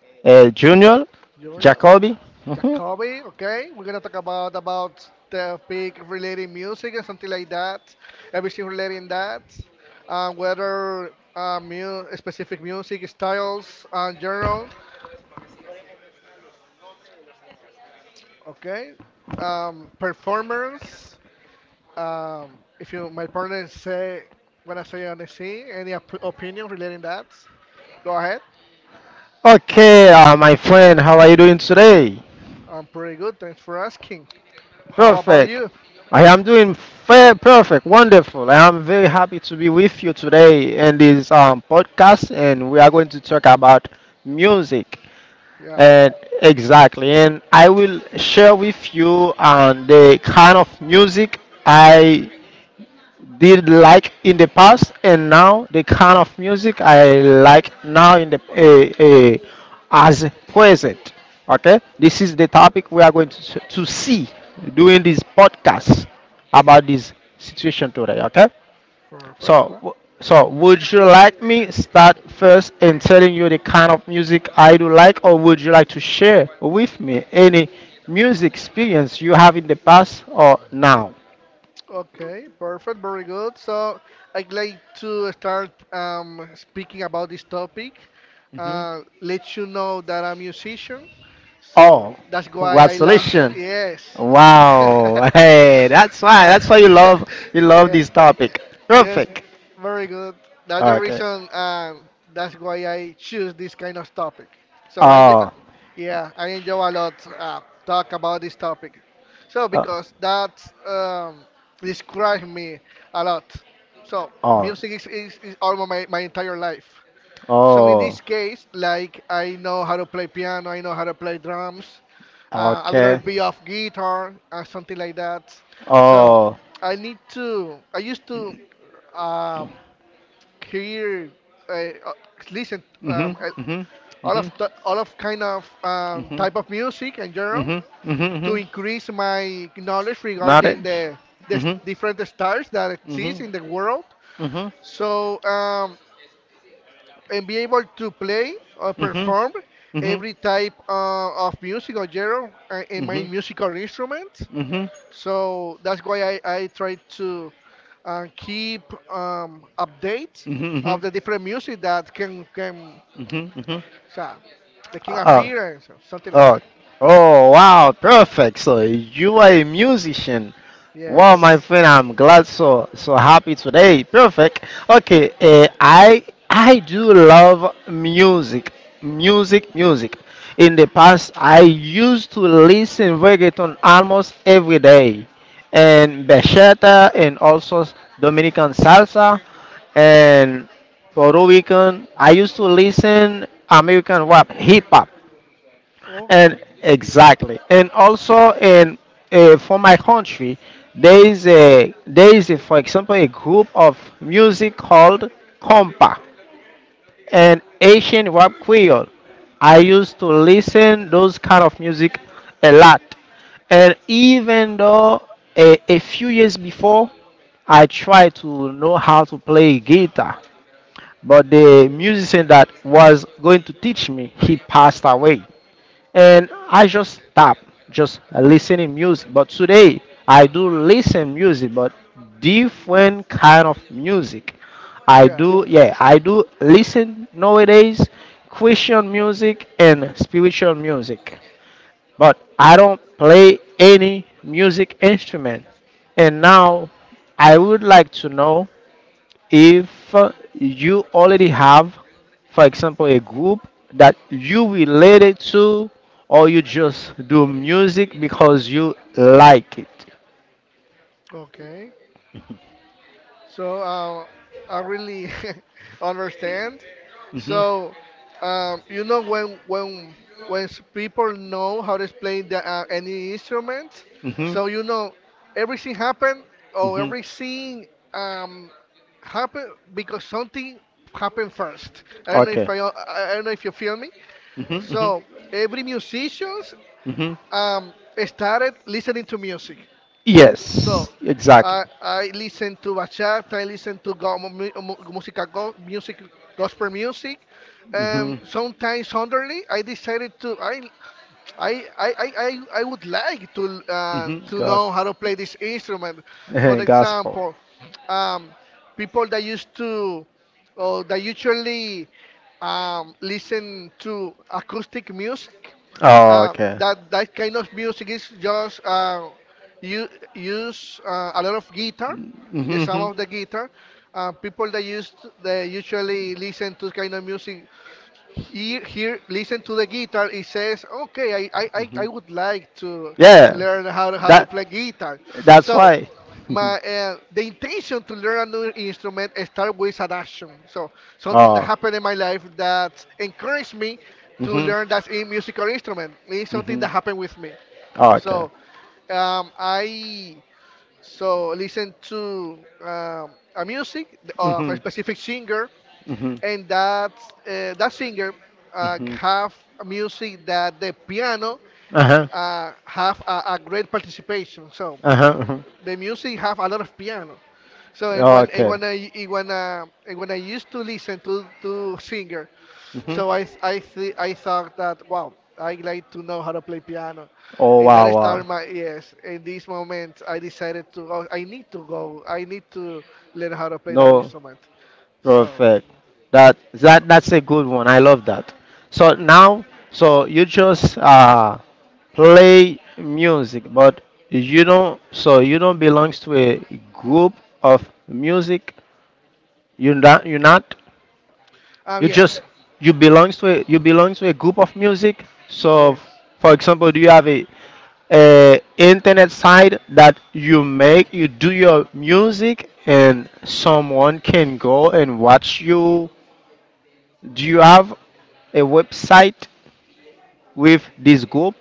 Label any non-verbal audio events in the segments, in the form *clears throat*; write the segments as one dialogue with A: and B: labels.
A: Junior,
B: Junior,
A: Jacoby. hmm
B: Jacoby. Okay, we're gonna talk about the big relating music and something like that, everything relating that, whether mu- specific music styles and general. Okay, performers. If you, my partner say when I say on the scene, any op- opinion relating that, go ahead.
A: Okay, my friend, how are you doing today?
B: I'm pretty good. Thanks for asking. How about
A: Perfect.
B: you?
A: I am doing fair, perfect, wonderful. I am very happy to be with you today in this podcast, and we are going to talk about music.
B: Yeah,
A: And exactly, and I will share with you the kind of music I did like in the past and now the kind of music I like now in the as present. Okay, this is the topic we are going to see during this podcast about this situation today. Okay, so
B: perfect.
A: w- so would you like me start first in telling you the kind of music I do like, or would you like to share with me any music experience you have in the past or now?
B: Okay, perfect, very good. So I'd like to start speaking about this topic. Let you know that I'm a musician. So
A: Oh,
B: that's why I love.
A: congratulations!
B: Yes. *laughs*
A: Wow, hey, that's why.
B: Uh,
A: That's why you
B: *laughs*
A: love
B: yeah.
A: this topic.
B: Yes.
A: Perfect.
B: Very good. That's the
A: Okay.
B: reason, and that's why I choose this kind of topic. So
A: Oh,
B: yeah, I enjoy a lot talk about this topic. So
A: oh.
B: because that describes me a lot. So
A: Oh,
B: music is almost my entire life. So in
A: oh.
B: this case, like I know how to play piano, I know how to play drums, a little
A: Okay.
B: bit of guitar, something like that. So
A: Oh,
B: I need to. I used to um, hear, uh, uh, listen,
A: mhm. Mhm.
B: all of
A: Mhm.
B: kind of
A: Mhm.
B: type of music in general
A: Mhm. Mhm.
B: to
A: Mhm.
B: increase my knowledge regarding
A: Knowledge.
B: the s-
A: Mhm.
B: different stars that exist
A: Mhm.
B: in the world.
A: Mhm.
B: So and be able to play or
A: Mhm.
B: perform
A: Mhm. Mhm.
B: every type of music or genre in my
A: Mhm.
B: musical instrument. So that's why I try to keep update
A: Mhm. Mhm.
B: of the different music that can
A: Mhm. Mhm.
B: so, that can
A: Uh,
B: appear and so, something like
A: Oh,
B: that.
A: oh wow, perfect. So you are a musician. Wow,
B: Yes.
A: my friend, I'm glad so so happy today. Perfect. Okay, I do love music, music, music. In the past, I used to listen reggaeton almost every day, and bachata, and also Dominican salsa, and Puerto Rican. I used to listen American rap, hip hop. And exactly, and also in for my country, for example a group of music
B: Okay.
A: called compa and Asian rap creole. I used to listen those kind of music a lot, and even though a few years before, I tried to know how to play guitar, but the musician that was going to teach me he passed away and I just stop just listening music. But today I do listen music, but different kind of music. I
B: Yeah.
A: do yeah I do listen nowadays Christian music and spiritual music, but I don't play any music instrument. And now I would like to know if you already have, for example, a group that you related to, or you just do music because you like it.
B: Okay. So I really *laughs* understand.
A: hmm
B: So you know when s- people know how to play the, any instrument,
A: hmm
B: so you know everything happened or
A: hmm
B: every scene um, happened because something happened first. I don't know
A: Okay.
B: if I don't know if you feel me.
A: hmm hmm
B: So every musicians
A: hmm
B: um, started listening to music.
A: Yes,
B: So
A: exactly.
B: I listen to bachata, I listen to música music gospel music.
A: hmm
B: Sometimes suddenly I decided to I I I, I I would like to know how
A: Gospel.
B: to play this instrument. For
A: *laughs* Gospel.
B: example, um, people that used to or that usually listen to acoustic music
A: Oh, okay.
B: that that kind of music is just you use a lot of guitar, the
A: Mm-hmm.
B: sound of the guitar. People that used they usually listen to kind of music listen to the guitar. It says, "Okay,
A: hmm
B: I would like to
A: Yeah.
B: learn how to play
A: That.
B: guitar."
A: That's
B: So,
A: why.
B: my
A: *laughs*
B: the intention to learn a new instrument start with an action. So, something that
A: Oh.
B: happened in my life that encouraged me to
A: hmm
B: learn that in musical instrument. It's something
A: hmm
B: that happened with me.
A: Oh, okay.
B: So, I so listen to a music of a
A: hmm
B: specific singer
A: hmm
B: and that singer
A: hmm
B: have music that the piano
A: Uh huh.
B: have a great participation. So
A: Uh huh.
B: the music have a lot of piano. So
A: Okay.
B: and when I used to listen to singer,
A: hmm
B: so I thought that wow I like to know how to play piano,
A: Oh
B: and that
A: wow wow.
B: started my yes. In this moment, I decided to oh, I need to go. I need to learn how to play that
A: No,
B: instrument. So
A: perfect. That
B: so.
A: that that's a good one. I love that. So now, so you just play music, but you don't. So you don't belongs to a group of music. You not. You not. You
B: Yeah,
A: just you belongs to a, you belongs to a group of music. So,
B: yes.
A: for example, do you have a internet site that you make you do your music and someone can go and watch you? Do you have a website with this group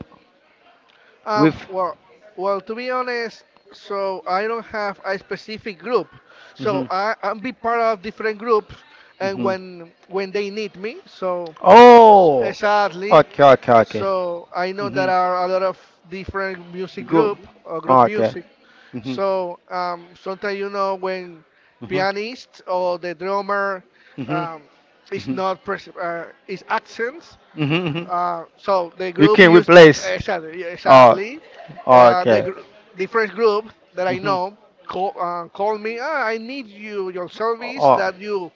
B: Um,
A: with?
B: well, well, to be honest, so I don't have a specific group. So
A: Mhm,
B: I'm be part of different groups, and
A: mhm.
B: when they need me, so
A: Oh,
B: exactly.
A: okay, okay, okay.
B: So I know there
A: Mhm.
B: are a lot of different music
A: Go.
B: group or group
A: Okay.
B: music.
A: Mhm.
B: So sometimes you know when
A: Mhm.
B: pianist or the drummer
A: Mhm.
B: um, is
A: Mhm.
B: not pres- is absent,
A: Mhm. Mhm.
B: so the
A: You
B: group
A: can
B: used
A: replace.
B: exactly, yeah,
A: Oh,
B: exactly.
A: oh,
B: Uh, the
A: okay.
B: gr- Different group that I
A: Mhm.
B: know call, call me. Ah, I need you your service
A: Oh,
B: that you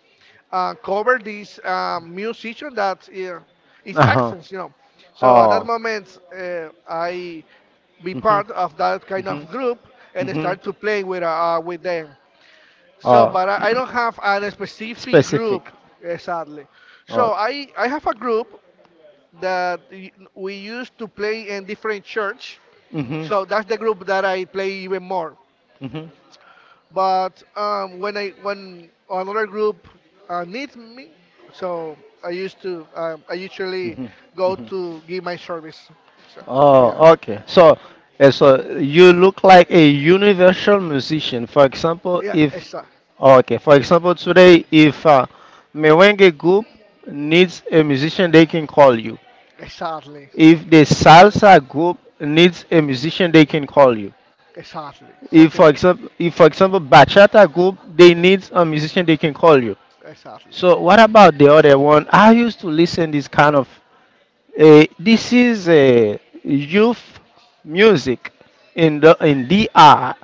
B: cover this musician that is
A: uh-huh.
B: accents, you know. So at that
A: Oh,
B: moment, I be part of that kind of
A: mhm.
B: group and
A: Mhm.
B: start to play with them. So,
A: Oh.
B: but I don't have a specific group,
A: Specific.
B: sadly. So
A: Oh.
B: I have a group that y- we used to play in different church.
A: Mhm.
B: So that's the group that I play even more.
A: Mhm.
B: But when another group needs me, so I used to I usually go to give my service. So yeah,
A: Oh, okay. So, so you look like a universal musician. For example,
B: yeah,
A: if oh, okay, for example, today if merengue group needs a musician, they can call you.
B: exactly,
A: If the salsa group needs a musician, they can call you.
B: exactly, something like
A: If for example, bachata group they
B: that.
A: need a musician, they can call you.
B: Exactly.
A: So, what about the other one? I used to listen this kind of this is a youth music in the in DR.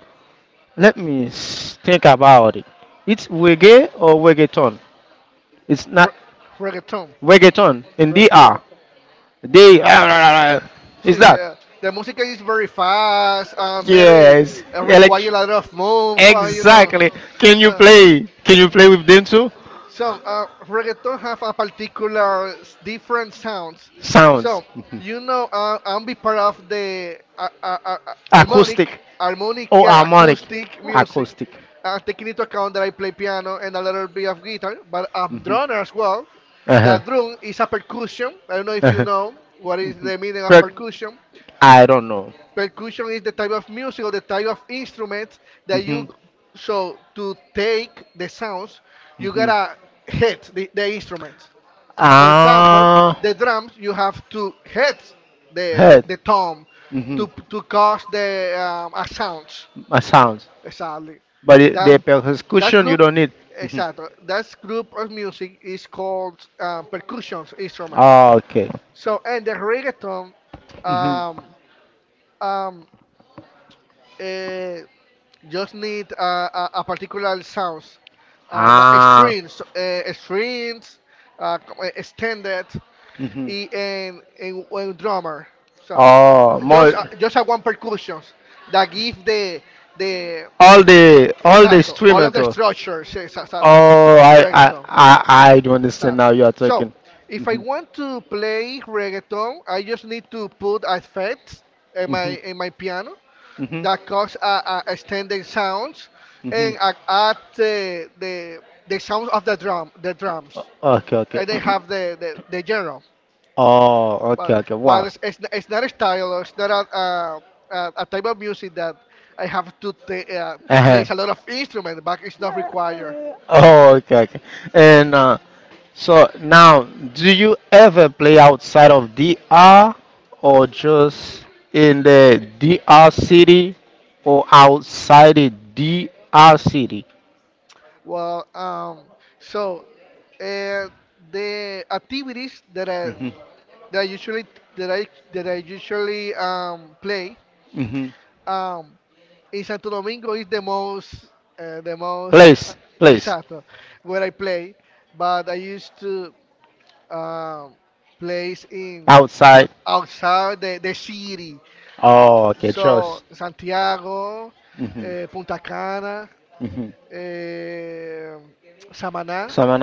A: Think about it. It's reggae or reggaeton. It's
B: Re-
A: not
B: Reggaeton.
A: reggaeton in
B: Reggaeton.
A: DR. They *laughs* is
B: See,
A: that?
B: yeah. The music is very fast and very
A: Yes.
B: require a lot of move, you know.
A: Exactly. Can you
B: So,
A: play? Can you play with them too?
B: So, reggaeton have a particular s- different sounds.
A: Sounds.
B: So, you know, I'm be part of the
A: *laughs* Acoustic.
B: harmonic, harmonic,
A: Oh,
B: yeah,
A: harmonic.
B: acoustic music.
A: Acoustic.
B: Taking into account that I play piano and a little bit of guitar, but I'm drummer as well.
A: Uh
B: That
A: huh.
B: drum is a percussion. I don't know if
A: Uh
B: you
A: huh.
B: know what is
A: Mhm.
B: the meaning of
A: Per-
B: percussion.
A: I don't know.
B: Percussion is the type of music or the type of instrument that
A: hmm
B: you so to take the sounds, you
A: hmm
B: gotta hit the instrument. For example,
A: Ah,
B: the drums you have to hit
A: head.
B: the tom
A: hmm
B: to cause the a sounds.
A: A sounds.
B: Exactly.
A: But it,
B: That
A: the
B: that
A: percussion you
B: group
A: don't need. hmm
B: exactly That group of music is called percussion instrument.
A: Oh, okay.
B: So and the reggaeton
A: hmm
B: um um uh, just need uh, a particular sounds, uh, the
A: Ah.
B: strings, uh, strings, uh, extended,
A: hmm
B: and one drummer. So
A: Oh, more
B: just a one percussion that give the
A: all the
B: exacto all
A: streamer
B: of the
A: too.
B: structures exactly
A: Oh,
B: of reggaeton.
A: I do understand
B: Exactly.
A: now you are
B: So
A: talking.
B: if I
A: Mhm,
B: want to play reggaeton, I just need to put effects in
A: mhm,
B: my piano
A: mhm,
B: that cause extended sounds
A: mhm.
B: and add the sounds of the drums
A: Okay, okay.
B: and they
A: *clears throat*
B: have the genre
A: Oh, okay,
B: but
A: okay.
B: but
A: Wow.
B: it's not a style or it's not a type of music that I have to
A: Uh-huh.
B: place a lot of instruments but it's not required
A: Oh, okay, okay. And so now, do you ever play outside of DR or just in the DR city or outside the DR city?
B: well so uh, the activities that I
A: hmm
B: that I usually that I that I usually play
A: hmm
B: um in Santo Domingo is the most uh, the most uh,
A: Place, place.
B: exacto where I play, but I used to um, place in uh,
A: Outside.
B: outside the city.
A: Oh, okay, just.
B: So Santiago,
A: hmm
B: Punta Cana,
A: hmm
B: uh, Samaná.
A: Someone.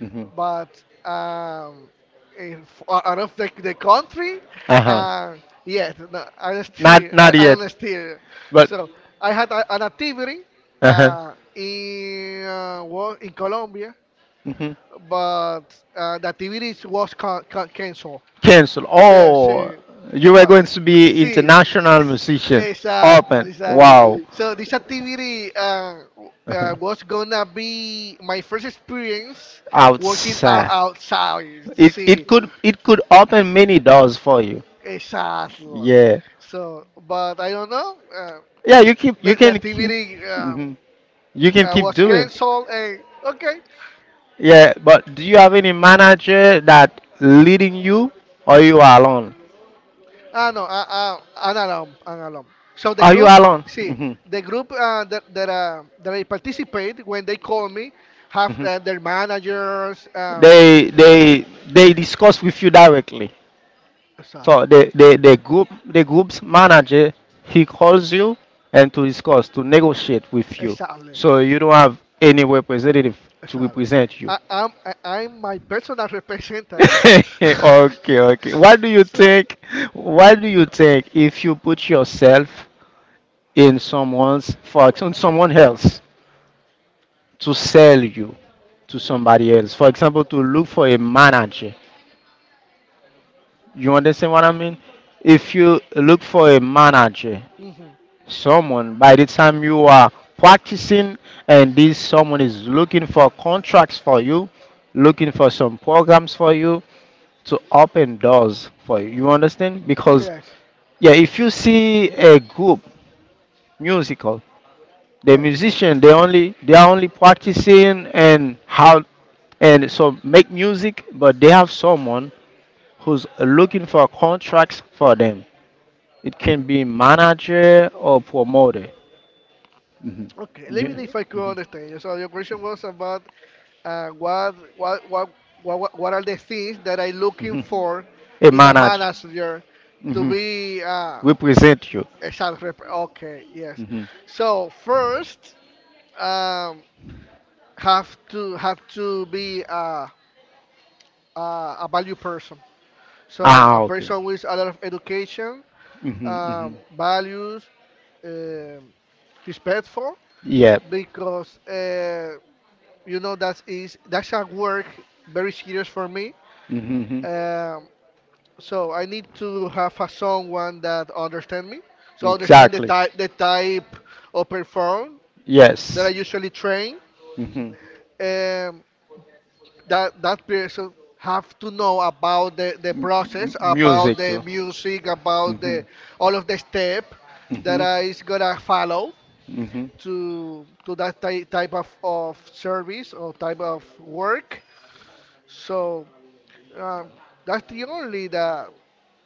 A: Mm-hmm.
B: But if, out of the country,
A: Uh huh.
B: uh, yes, no, I still
A: Not not
B: I
A: yet,
B: don't steer.
A: but.
B: So I had an activity
A: Uh huh.
B: uh, in Colombia,
A: hmm
B: but the activity was canceled.
A: Cancel.
B: Sí,
A: Oh,
B: sí.
A: you were
B: Well,
A: going to be
B: see,
A: international musician. Open.
B: exactly, exactly.
A: Wow.
B: So this activity
A: Uh-huh.
B: was gonna be my first experience working out
A: Outside.
B: outside.
A: It
B: See,
A: it could open many doors for you.
B: exactly.
A: Yeah.
B: So, but I don't know.
A: Yeah, you keep you
B: The
A: can keep
B: activity
A: mhm, you can keep
B: was
A: doing.
B: canceled, and okay,
A: Yeah, but do you have any manager that leading you or you are alone?
B: Ah, no, an alum. So the
A: Are you
B: group,
A: alone?
B: see,
A: Mhm.
B: the group that I participate when they call me have
A: Mhm.
B: their managers.
A: They discuss with you directly.
B: Exactly.
A: So the group the group's manager he calls you and to discuss to negotiate with you.
B: Exactly.
A: So you don't have any representative to
B: Exactly.
A: represent you.
B: I'm my personal representative.
A: *laughs* Okay, okay. What do
B: *laughs*
A: you
B: so.
A: think? What do you think if you put yourself in someone's on someone else to sell you to somebody else? For example, to look for a manager. You understand what I mean? If you look for a manager
B: Mhm.
A: someone by the time you are practicing and this someone is looking for contracts for you looking for some programs for you to open doors for you you understand because
B: Yes,
A: yeah if you see a group musical the
B: yes,
A: musician they only they are only practicing and how and so make music but they have someone who's looking for contracts for them it can be manager or promoter. Mhm.
B: okay. Let me know if I
A: You-
B: could understand you. So your question was about uh, what, what what what are the things that I looking
A: Mhm.
B: for
A: A
B: in a
A: manager
B: manager to
A: mhm,
B: be
A: represent you.
B: a shark rep. Okay, yes.
A: Mhm.
B: So first, um, have to be a, a value person. So
A: Ah,
B: a
A: okay.
B: person with a lot of education,
A: Mhm, mhm.
B: values, um, respectful,
A: Yep.
B: because you know that is that's a work very serious for me.
A: Mhm,
B: Um, so I need to have a someone that understand me. So
A: mhm.
B: understand
A: Exactly.
B: the type of perform that I
A: Yes.
B: usually train
A: Mhm.
B: um, that that person have to know about the process, about
A: Music
B: the
A: too.
B: music, about the
A: Mhm,
B: all of the step that
A: mhm,
B: I is gonna follow
A: mhm,
B: to that type of service or type of work. So um, that's the only that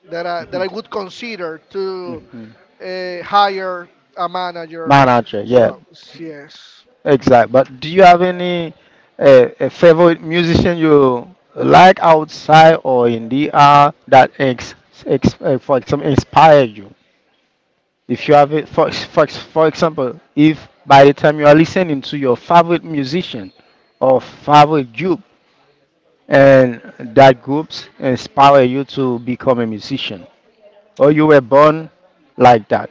B: that I would consider
A: mhm,
B: to
A: mhm.
B: hire a manager.
A: Manager, yeah,
B: So yes.
A: exact. But do you have any a favorite musician you like outside or in the art that ex, ex for example inspire you? If you have it, for example, if by the time you are listening to your favorite musician or favorite group, and that groups inspire you to become a musician, or you were born like that.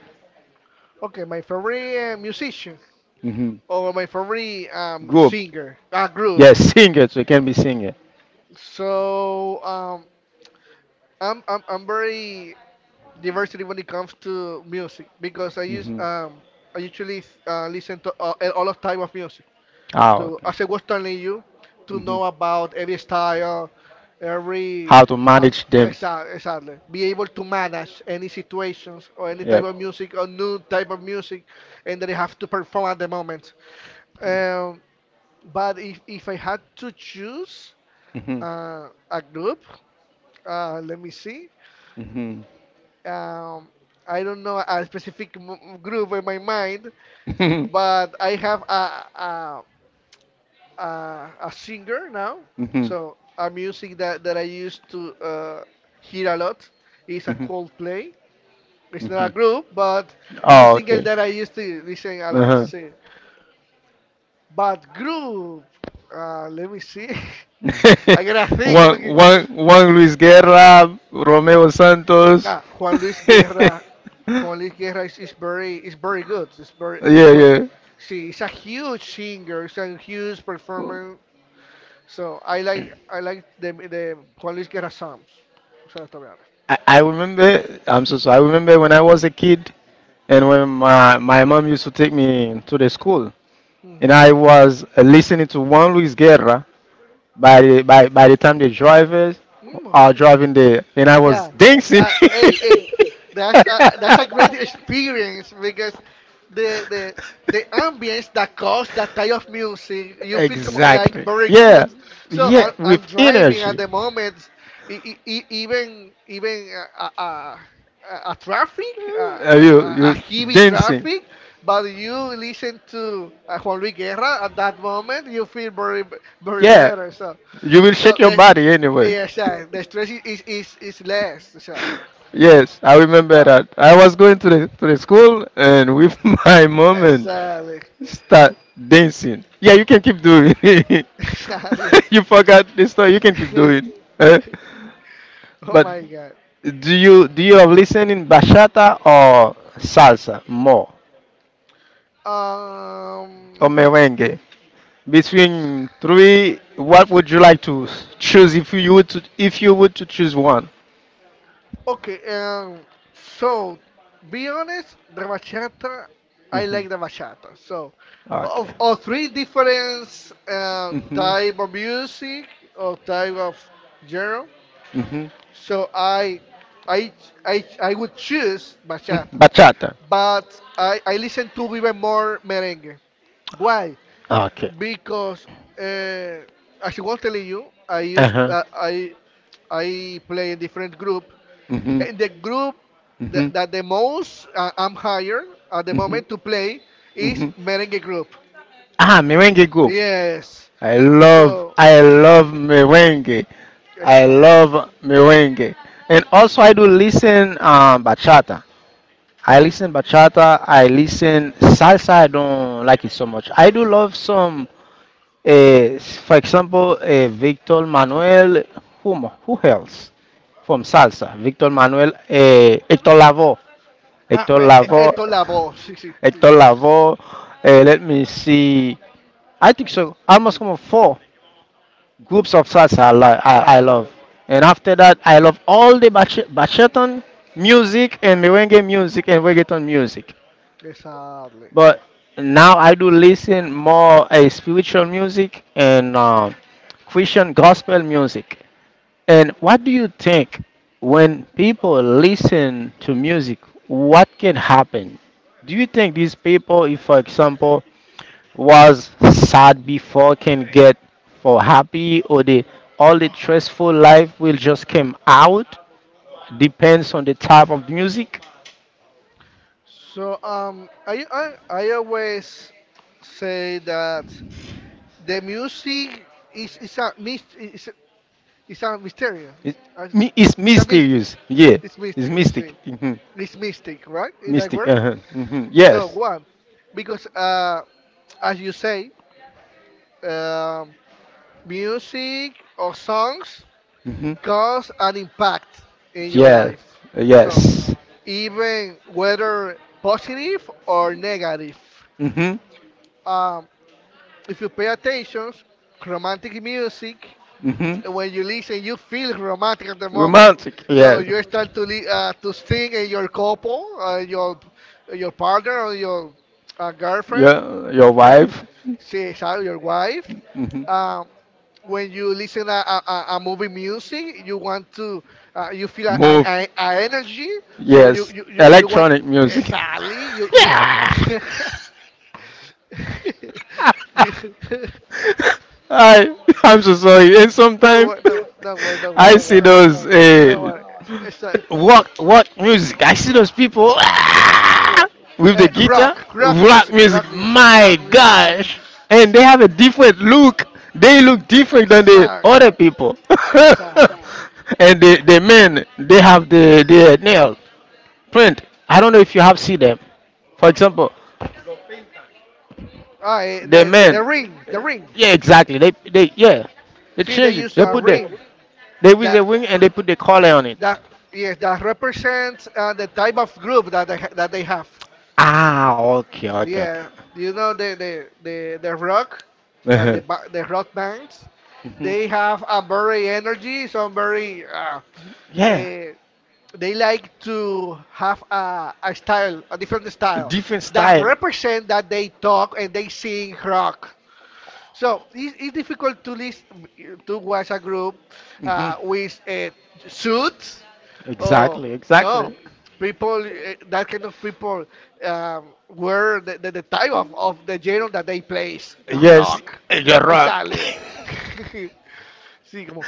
B: Okay, my favorite musician.
A: hmm
B: Or my favorite
A: Group,
B: singer group.
A: yes,
B: Yes.
A: *laughs* singers. We can be singer.
B: So I'm very diversity when it comes to music because I usually listen to all of type of music.
A: Oh,
B: To as I was telling you, to know about every style, every
A: how to
B: uh,
A: manage them?
B: exactly be able to manage any situations or any type
A: Yep.
B: of music or new type of music, and that you have to perform at the moment. Um, But if I had to choose
A: Mm-hmm.
B: a group, let me see.
A: Mm-hmm.
B: Um, I don't know a specific group in my mind, *laughs* but I have a, a singer now. So
A: *laughs*
B: a music that, that I used to hear a lot is a Coldplay. It's not a group, but it's a
A: Oh,
B: single
A: okay.
B: that I used to listen a lot.
A: Uh-huh.
B: So. But group, let me see. *laughs* I gotta
A: *laughs*
B: think. If I can-
A: Juan Luis Guerra, Romeo Santos.
B: Ah, Juan Luis
A: *laughs*
B: Guerra. Juan Luis Guerra is very is very good. It's very it's
A: Yeah,
B: very.
A: yeah.
B: See, he's a huge singer. He's a huge performer. So I like the Juan Luis Guerra songs. O sea, está bien.
A: I remember. I'm so sorry. I remember when I was a kid, and when my mom used to take me to the school,
B: Ujú.
A: and I was listening to Juan Luis Guerra. By the time the drivers
B: Mm,
A: are
B: okay.
A: driving there, and I was
B: Yeah,
A: dancing.
B: that
A: *laughs*
B: hey hey, that's a great experience because the the ambience that cause that type of music you feel come, like
A: Exactly.
B: very
A: Yeah.
B: good. So
A: Yeah. With
B: I'm driving at
A: energy.
B: the moment, even uh, uh, a traffic,
A: Are you
B: a
A: you
B: heavy
A: dancing?
B: traffic, but you listen to Juan Luis Guerra at that moment, you feel very, very
A: Yeah.
B: better. So,
A: You will
B: so
A: shake your
B: the,
A: body anyway.
B: yes, yeah, sure, the stress is is less. So,
A: Yes, I remember
B: well,
A: that. I was going to the school and with *laughs* my mom and
B: exactly. *laughs*
A: start dancing. Yeah, you can keep doing. *laughs*
B: Exactly.
A: You forgot the story. You can keep
B: *laughs*
A: doing. Eh?
B: Oh
A: But
B: my
A: do you do you listen in bachata or salsa more
B: God.
A: or merengue? Between three, what would you like to choose if you would to, if you would to choose one?
B: Okay, um, so be honest, the bachata, I
A: Mhm.
B: like the bachata. So,
A: Okay.
B: of three different
A: Mhm.
B: type of music or type of genre,
A: Mhm.
B: so I, I would choose
A: Mm,
B: bachata.
A: Bachata.
B: But I listen to even more merengue. Why?
A: Okay.
B: Because uh, as I was telling you,
A: Uh-huh.
B: I play in different group,
A: Mm-hmm.
B: and the group
A: Mm-hmm.
B: that, that
A: Mm-hmm.
B: the most I'm hired at the moment to play is
A: Mm-hmm.
B: merengue group.
A: Ah, merengue group.
B: Yes. So,
A: I love merengue.
B: yes,
A: I love merengue. And also I do listen bachata. I listen bachata. I listen salsa. I don't like it so much. I do love some Uh, for example, Victor Manuel, who, who else from salsa? Victor Manuel, Hector Lavoe, Hector Lavoe,
B: esto la voz. Sí, sí.
A: Hector Lavoe. Let me see. I think so. Almost como four groups of salsa I
B: Yeah,
A: love. And after that, I love all the bachaton music and merengue music and reggaeton music.
B: exactly.
A: But now I do listen more a spiritual music and Christian gospel music. And what do you think when people listen to music, what can happen? Do you think these people, if for example, was sad before can get for happy or the all the stressful life will just come out? Depends on the type of music.
B: So I always say that the music is is a mysterious.
A: It's, it's
B: It's a mystic.
A: mysterious. Yeah,
B: It's
A: it's
B: mystic. See,
A: mystic. Mhm.
B: it's mystic, right? Is that
A: Mystic.
B: word?
A: Uh-huh.
B: So
A: Yes.
B: one, because as you say, um, music or songs
A: hmm
B: cause an impact in your
A: Yeah.
B: life. So
A: Yes.
B: even whether positive or negative.
A: hmm
B: Um, if you pay attention, romantic music,
A: hmm
B: when you listen, you feel romantic at the moment.
A: Romantic.
B: So
A: Yes.
B: you start to to sing, and your couple, your partner or your girlfriend,
A: Your
B: okay,
A: wife.
B: your wife.
A: hmm
B: Uh, when you listen a movie music, you want to you feel
A: Move.
B: an energy. So
A: Yes.
B: you want
A: Electronic music.
B: exactly you
A: *laughs*
B: you.
A: Yeah.
B: *laughs* you *laughs*
A: *laughs* I I'm so sorry. And
B: Don't
A: sometimes
B: worry,
A: *laughs* I see those
B: don't worry. It's a,
A: rock rock music. I see those people
B: yeah,
A: ah, with the
B: eh,
A: guitar, rock music. My
B: rock music.
A: gosh! And they
B: See,
A: have a different look. They look different than the
B: exactly,
A: other people. *laughs*
B: exactly.
A: And the men they have the nail print. I don't know if you have seen them. For example,
B: Ah, eh,
A: the men,
B: the ring, the ring.
A: yeah, exactly. They, yeah, they
B: See, they
A: change it.
B: use
A: They
B: a
A: put the,
B: ring
A: they with
B: that
A: the wing and they put the collar on it.
B: that yes that represents the type of group that that they have.
A: Ah, okay, okay, okay.
B: Yeah, you know the rock
A: *laughs* Uh-huh.
B: the
A: The
B: rock bands,
A: mhm.
B: they have a very energy, some very uh,
A: Yeah,
B: they like to have a style, a different
A: a
B: style
A: different
B: that
A: style.
B: represent that they talk and they sing rock. So it's difficult to list to watch a group
A: hmm
B: with suits or
A: Exactly,
B: no
A: exactly.
B: people that kind of people wear the type of the genre that they plays the
A: Yes,
B: rock
A: you rock.
B: exactly *laughs* sí como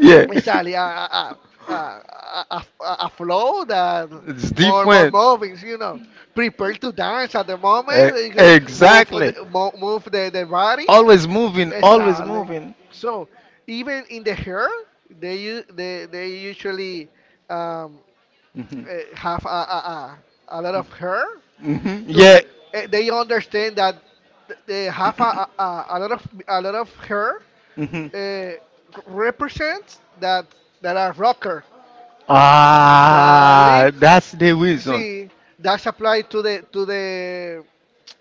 A: *laughs* Yeah,
B: exactly. Flow that
A: it's
B: more
A: different.
B: moving. You know, prepare to dance at the
A: E-
B: moment. Move
A: exactly.
B: move the body.
A: Always moving, always
B: Exactly.
A: moving.
B: So even in the hair, they u- they usually um,
A: hmm
B: have a lot of hair to.
A: Yeah.
B: They understand that they have a lot of hair
A: hmm
B: eh, represents that that are rocker. Exactly.
A: Ah, that's the reason
B: See, that's applied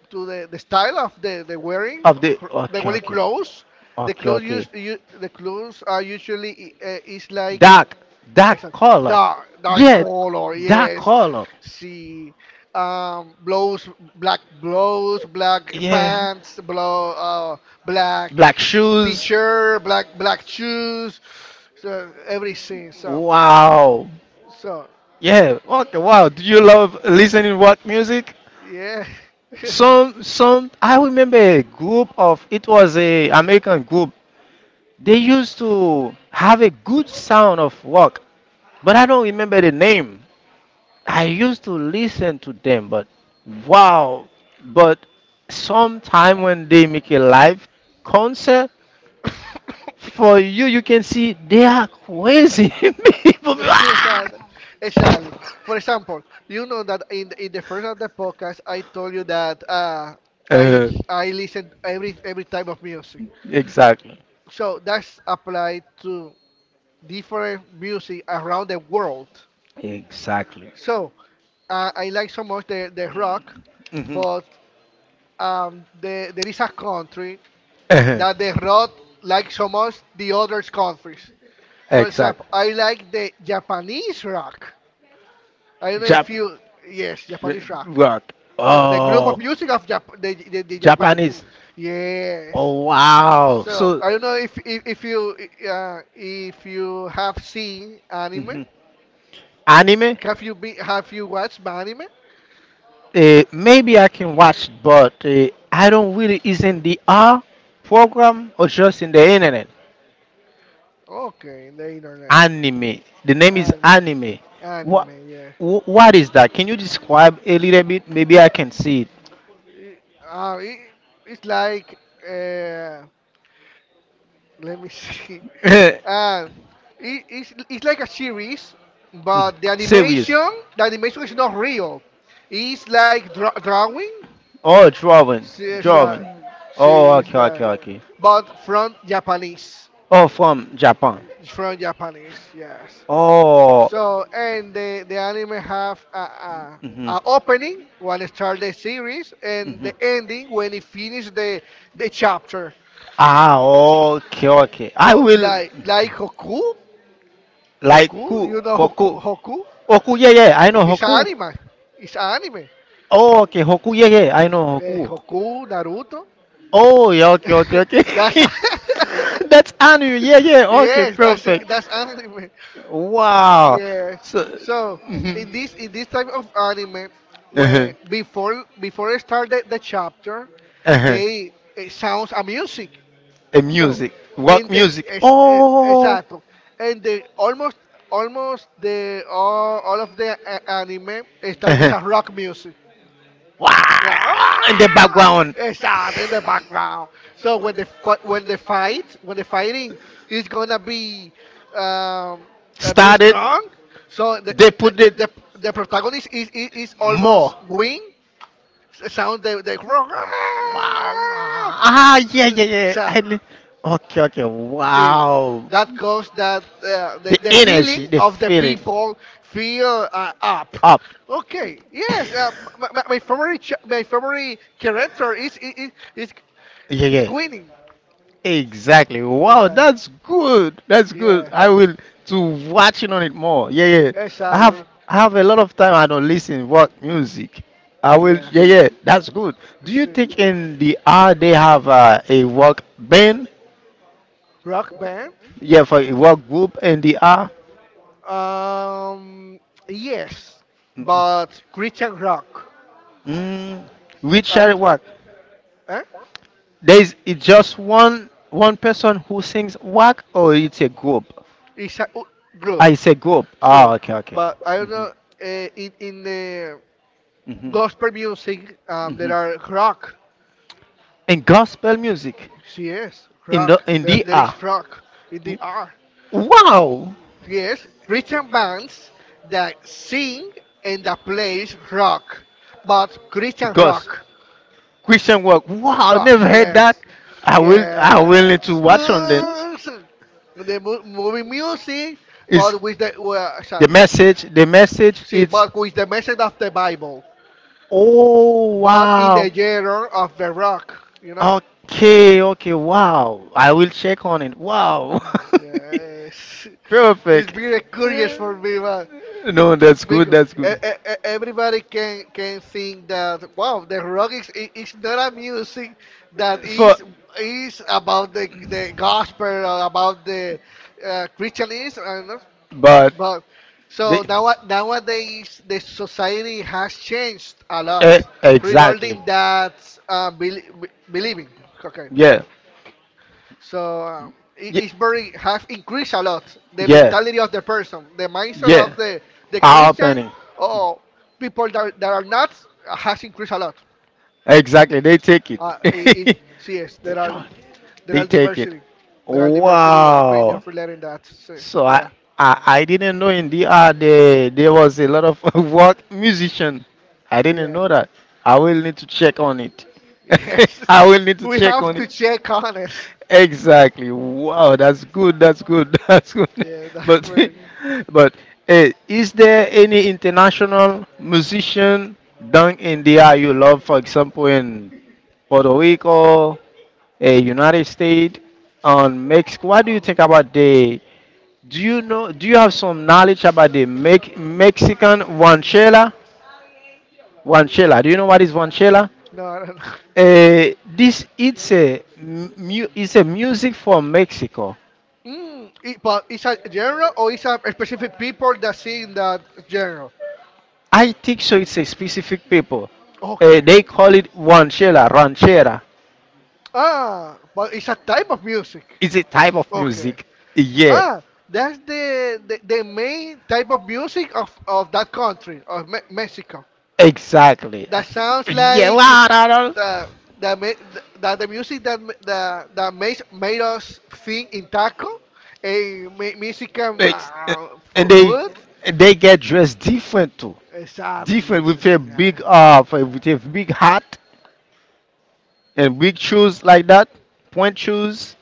B: to the style of
A: of the.
B: the
A: Okay,
B: wearing
A: okay.
B: clothes. The
A: Okay,
B: clothes
A: okay.
B: used you, the clothes are usually is like
A: Dark, dark
B: exact.
A: color.
B: Dark, dark
A: Yeah,
B: color.
A: that
B: Yes,
A: color.
B: she um blows blows black
A: Yeah.
B: pants, blow black
A: Black shoes.
B: teacher, black black shoes, so everything. So
A: Wow.
B: so
A: Yeah. Okay. Wow. Do you love listening rock music?
B: yeah.
A: Some
B: *laughs*
A: some. I remember a group of. It was a American group. They used to have a good sound of rock, but I don't remember the name. I used to listen to them, but wow, but sometime when they make a live concert for you, you can see they are crazy *laughs* people.
B: *laughs*
A: Ah!
B: Exactly. Exactly. For example, you know that in the first of the podcast, I told you that I
A: Uh,
B: I listen every type of music.
A: exactly,
B: So that's applied to different music around the world.
A: exactly.
B: So I like so much the rock,
A: hmm
B: but there is a country
A: uh
B: that the rock like so much the other countries. For example,
A: Exactly.
B: I like the Japanese rock. I don't know
A: Jap
B: if you yes,
A: uh,
B: Japanese rock.
A: rock.
B: So the group of
A: Oh,
B: music of the Japan.
A: Japanese.
B: Yes.
A: Oh wow.
B: So
A: So
B: I don't know if you have seen anime.
A: Mhm. anime.
B: Have you watched anime?
A: Maybe I can watch, but I don't really. Is in the R program or just in the internet?
B: Okay, in the internet.
A: Anime. The name is
B: Anime.
A: anime. What?
B: Anime, yeah.
A: What is that? Can you describe a little bit? Maybe I can see
B: It, uh, it, it's like uh, let me see. *laughs*
A: it.
B: Uh, it's like a series, but
A: *laughs* Serious.
B: the animation is not real. It's like drawing.
A: Oh, drawing,
B: See, it's, uh,
A: drawing. Oh,
B: see, it's
A: okay, okay,
B: like,
A: okay.
B: but
A: Oh, from Japan.
B: from Japanese, yes.
A: Oh.
B: So and the anime have
A: mhm.
B: a opening when it start the series and
A: Mhm.
B: the ending when it finish the chapter.
A: Ah, okay, okay. I
B: So
A: will
B: like Goku
A: like ku,
B: Hoku, you know
A: koku,
B: Hoku? Hoku?
A: hoku. Yeah, yeah. I know
B: It's an
A: hoku.
B: anime. It's an anime.
A: Oh, okay, hoku. Yeah, yeah. I know
B: Eh,
A: hoku.
B: Hoku, Naruto.
A: Oh, yeah. Okay, okay, okay.
B: *laughs* that's
A: *laughs* That's Anu. Yeah, yeah.
B: *laughs*
A: Okay, perfect.
B: that's anime.
A: Wow.
B: Yes.
A: So.
B: So
A: Mhm.
B: in this type of anime,
A: Uh-huh.
B: when before I start the chapter,
A: Uh-huh.
B: they it sounds a music.
A: A
B: So
A: music, rock
B: and the
A: music.
B: es, eh,
A: Oh.
B: exacto and the almost all of the anime start with a
A: Uh-huh.
B: rock music.
A: Wah!
B: Like,
A: In the
B: "Ah!"
A: background.
B: Exactly in the background. So when the fi- when the fight when the fighting
A: Is
B: is gonna be um,
A: is
B: very
A: Started,
B: strong, so
A: they put it
B: the protagonist is almost
A: more.
B: wing sound the
A: Wow, wow.
B: *laughs*
A: Ah, yeah,
B: so,
A: yeah, yeah.
B: so
A: I li- okay, okay.
B: see,
A: Wow.
B: that caused that
A: The
B: the
A: energy,
B: feeling
A: the
B: of the
A: feeling
B: people feel up.
A: up.
B: Okay, yes, my favorite my favorite character is,
A: Yeah,
B: is
A: yeah.
B: winning.
A: Exactly. Wow,
B: Exactly.
A: that's good. That's good.
B: Yeah,
A: I will to watching on it more. Yeah, yeah. I
B: exactly.
A: have I have a lot of time. I don't listen what music. I will.
B: Yeah.
A: Yeah, yeah. That's good. Do you
B: See,
A: think in the R they have a work band?
B: rock band.
A: Yeah, for a work group in the R.
B: Um, yes,
A: Mm,
B: but Christian rock.
A: mm. Which
B: I don't,
A: are what?
B: eh?
A: There is it just one person who sings work or it's a group?
B: It's a u- group.
A: I say group. Ah,
B: So,
A: okay, okay.
B: but I don't know. In the gospel music, there are rock.
A: And gospel music
B: Yes, rock.
A: in
B: There,
A: the
B: there
A: R.
B: is rock in the R.
A: Wow!
B: Yes, Christian bands that sing and that plays rock, but Christian
A: Because
B: rock,
A: Christian work. Wow, I
B: rock.
A: never heard that.
B: Yes,
A: I will
B: yeah.
A: need to watch on them.
B: *laughs* Movie music,
A: Is
B: but with the well, sorry.
A: the message
B: See,
A: it's
B: but with the message of the Bible,
A: oh
B: but in
A: wow.
B: the genre of the rock, you know?
A: Okay, okay, wow. I will check on it. Wow.
B: Yes.
A: *laughs*
B: *laughs* It's
A: Perfect.
B: very curious for me, man.
A: No, that's good,
B: Because
A: that's good.
B: everybody can think that wow, the rock is not a music that
A: For
B: is about the gospel or about the Christianism, I don't know.
A: but
B: But
A: they,
B: so now nowadays the society has changed a lot
A: eh, exactly.
B: regarding that believing. Okay.
A: Yeah.
B: So
A: Ye-
B: it's very have increased a lot the
A: Yeah.
B: mentality of the person, the mindset
A: Yeah,
B: of the
A: our
B: Christian
A: penny.
B: or people that, that are not has increased a lot.
A: Exactly, they take it.
B: Uh, it,
A: *laughs*
B: it, yes,
A: They try-
B: there
A: they
B: are
A: take it.
B: diversity, there are diversity
A: Wow.
B: opinions relating that. So,
A: So I,
B: yeah,
A: I didn't know in DR there was a lot of *laughs* work musician. I didn't
B: yeah,
A: know that. I will need to check on it.
B: *laughs* yes.
A: *laughs* I will need to
B: We
A: check
B: have
A: on
B: to
A: it.
B: check on it.
A: Exactly. Wow, that's good. That's good. *laughs* That's good.
B: Yeah, *laughs* that's
A: But,
B: very.
A: *laughs* but eh, is there any international musician down in the area you love? For example, in Puerto Rico, eh, United States, on Mexico. What do you think about the? Do you know? Do you have some knowledge about the Mex- Mexican ranchera? Ranchera. Do you know what is ranchera?
B: No, I don't know.
A: Eh, this it's a mu- it's a music from Mexico.
B: Mm, it, but it's a genre or it's a specific people that sing that genre?
A: I think so. It's a specific people.
B: Okay.
A: They call it ranchera. Ranchera.
B: Ah, but it's a type of music.
A: It's a type of
B: Okay.
A: music. Yeah,
B: Ah, that's the main type of music of that country, of Mexico.
A: exactly.
B: That sounds
A: Yeah,
B: like
A: la, la, la.
B: the, that the music that, that makes, made us think in taco and Mexican
A: Ex- and they
B: food.
A: they get dressed different too.
B: Exactly.
A: Different with
B: So,
A: a
B: yeah.
A: big f- with a big hat and big shoes like that, point shoes.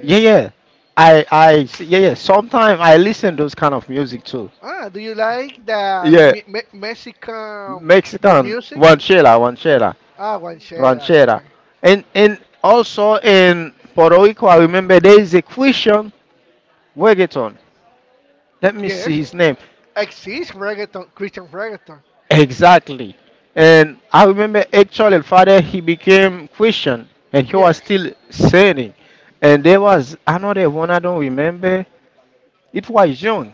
A: Yeah, yeah. I yeah yeah. Sometimes I listen those kind of music too.
B: Ah, do you like the
A: Yeah,
B: me me Mexican
A: Mexican
B: music?
A: ranchera, ranchera,
B: Ah, guanchera.
A: ranchera,
B: Okay.
A: and also in Puerto Rico, I remember there is a Christian reggaeton. Let me see
B: Yes.
A: his name
B: Exists reggaeton, Christian reggaeton.
A: exactly. And I remember actually, father he became Christian, and he was
B: Yes.
A: still singing. And there was another one I don't remember. It was young.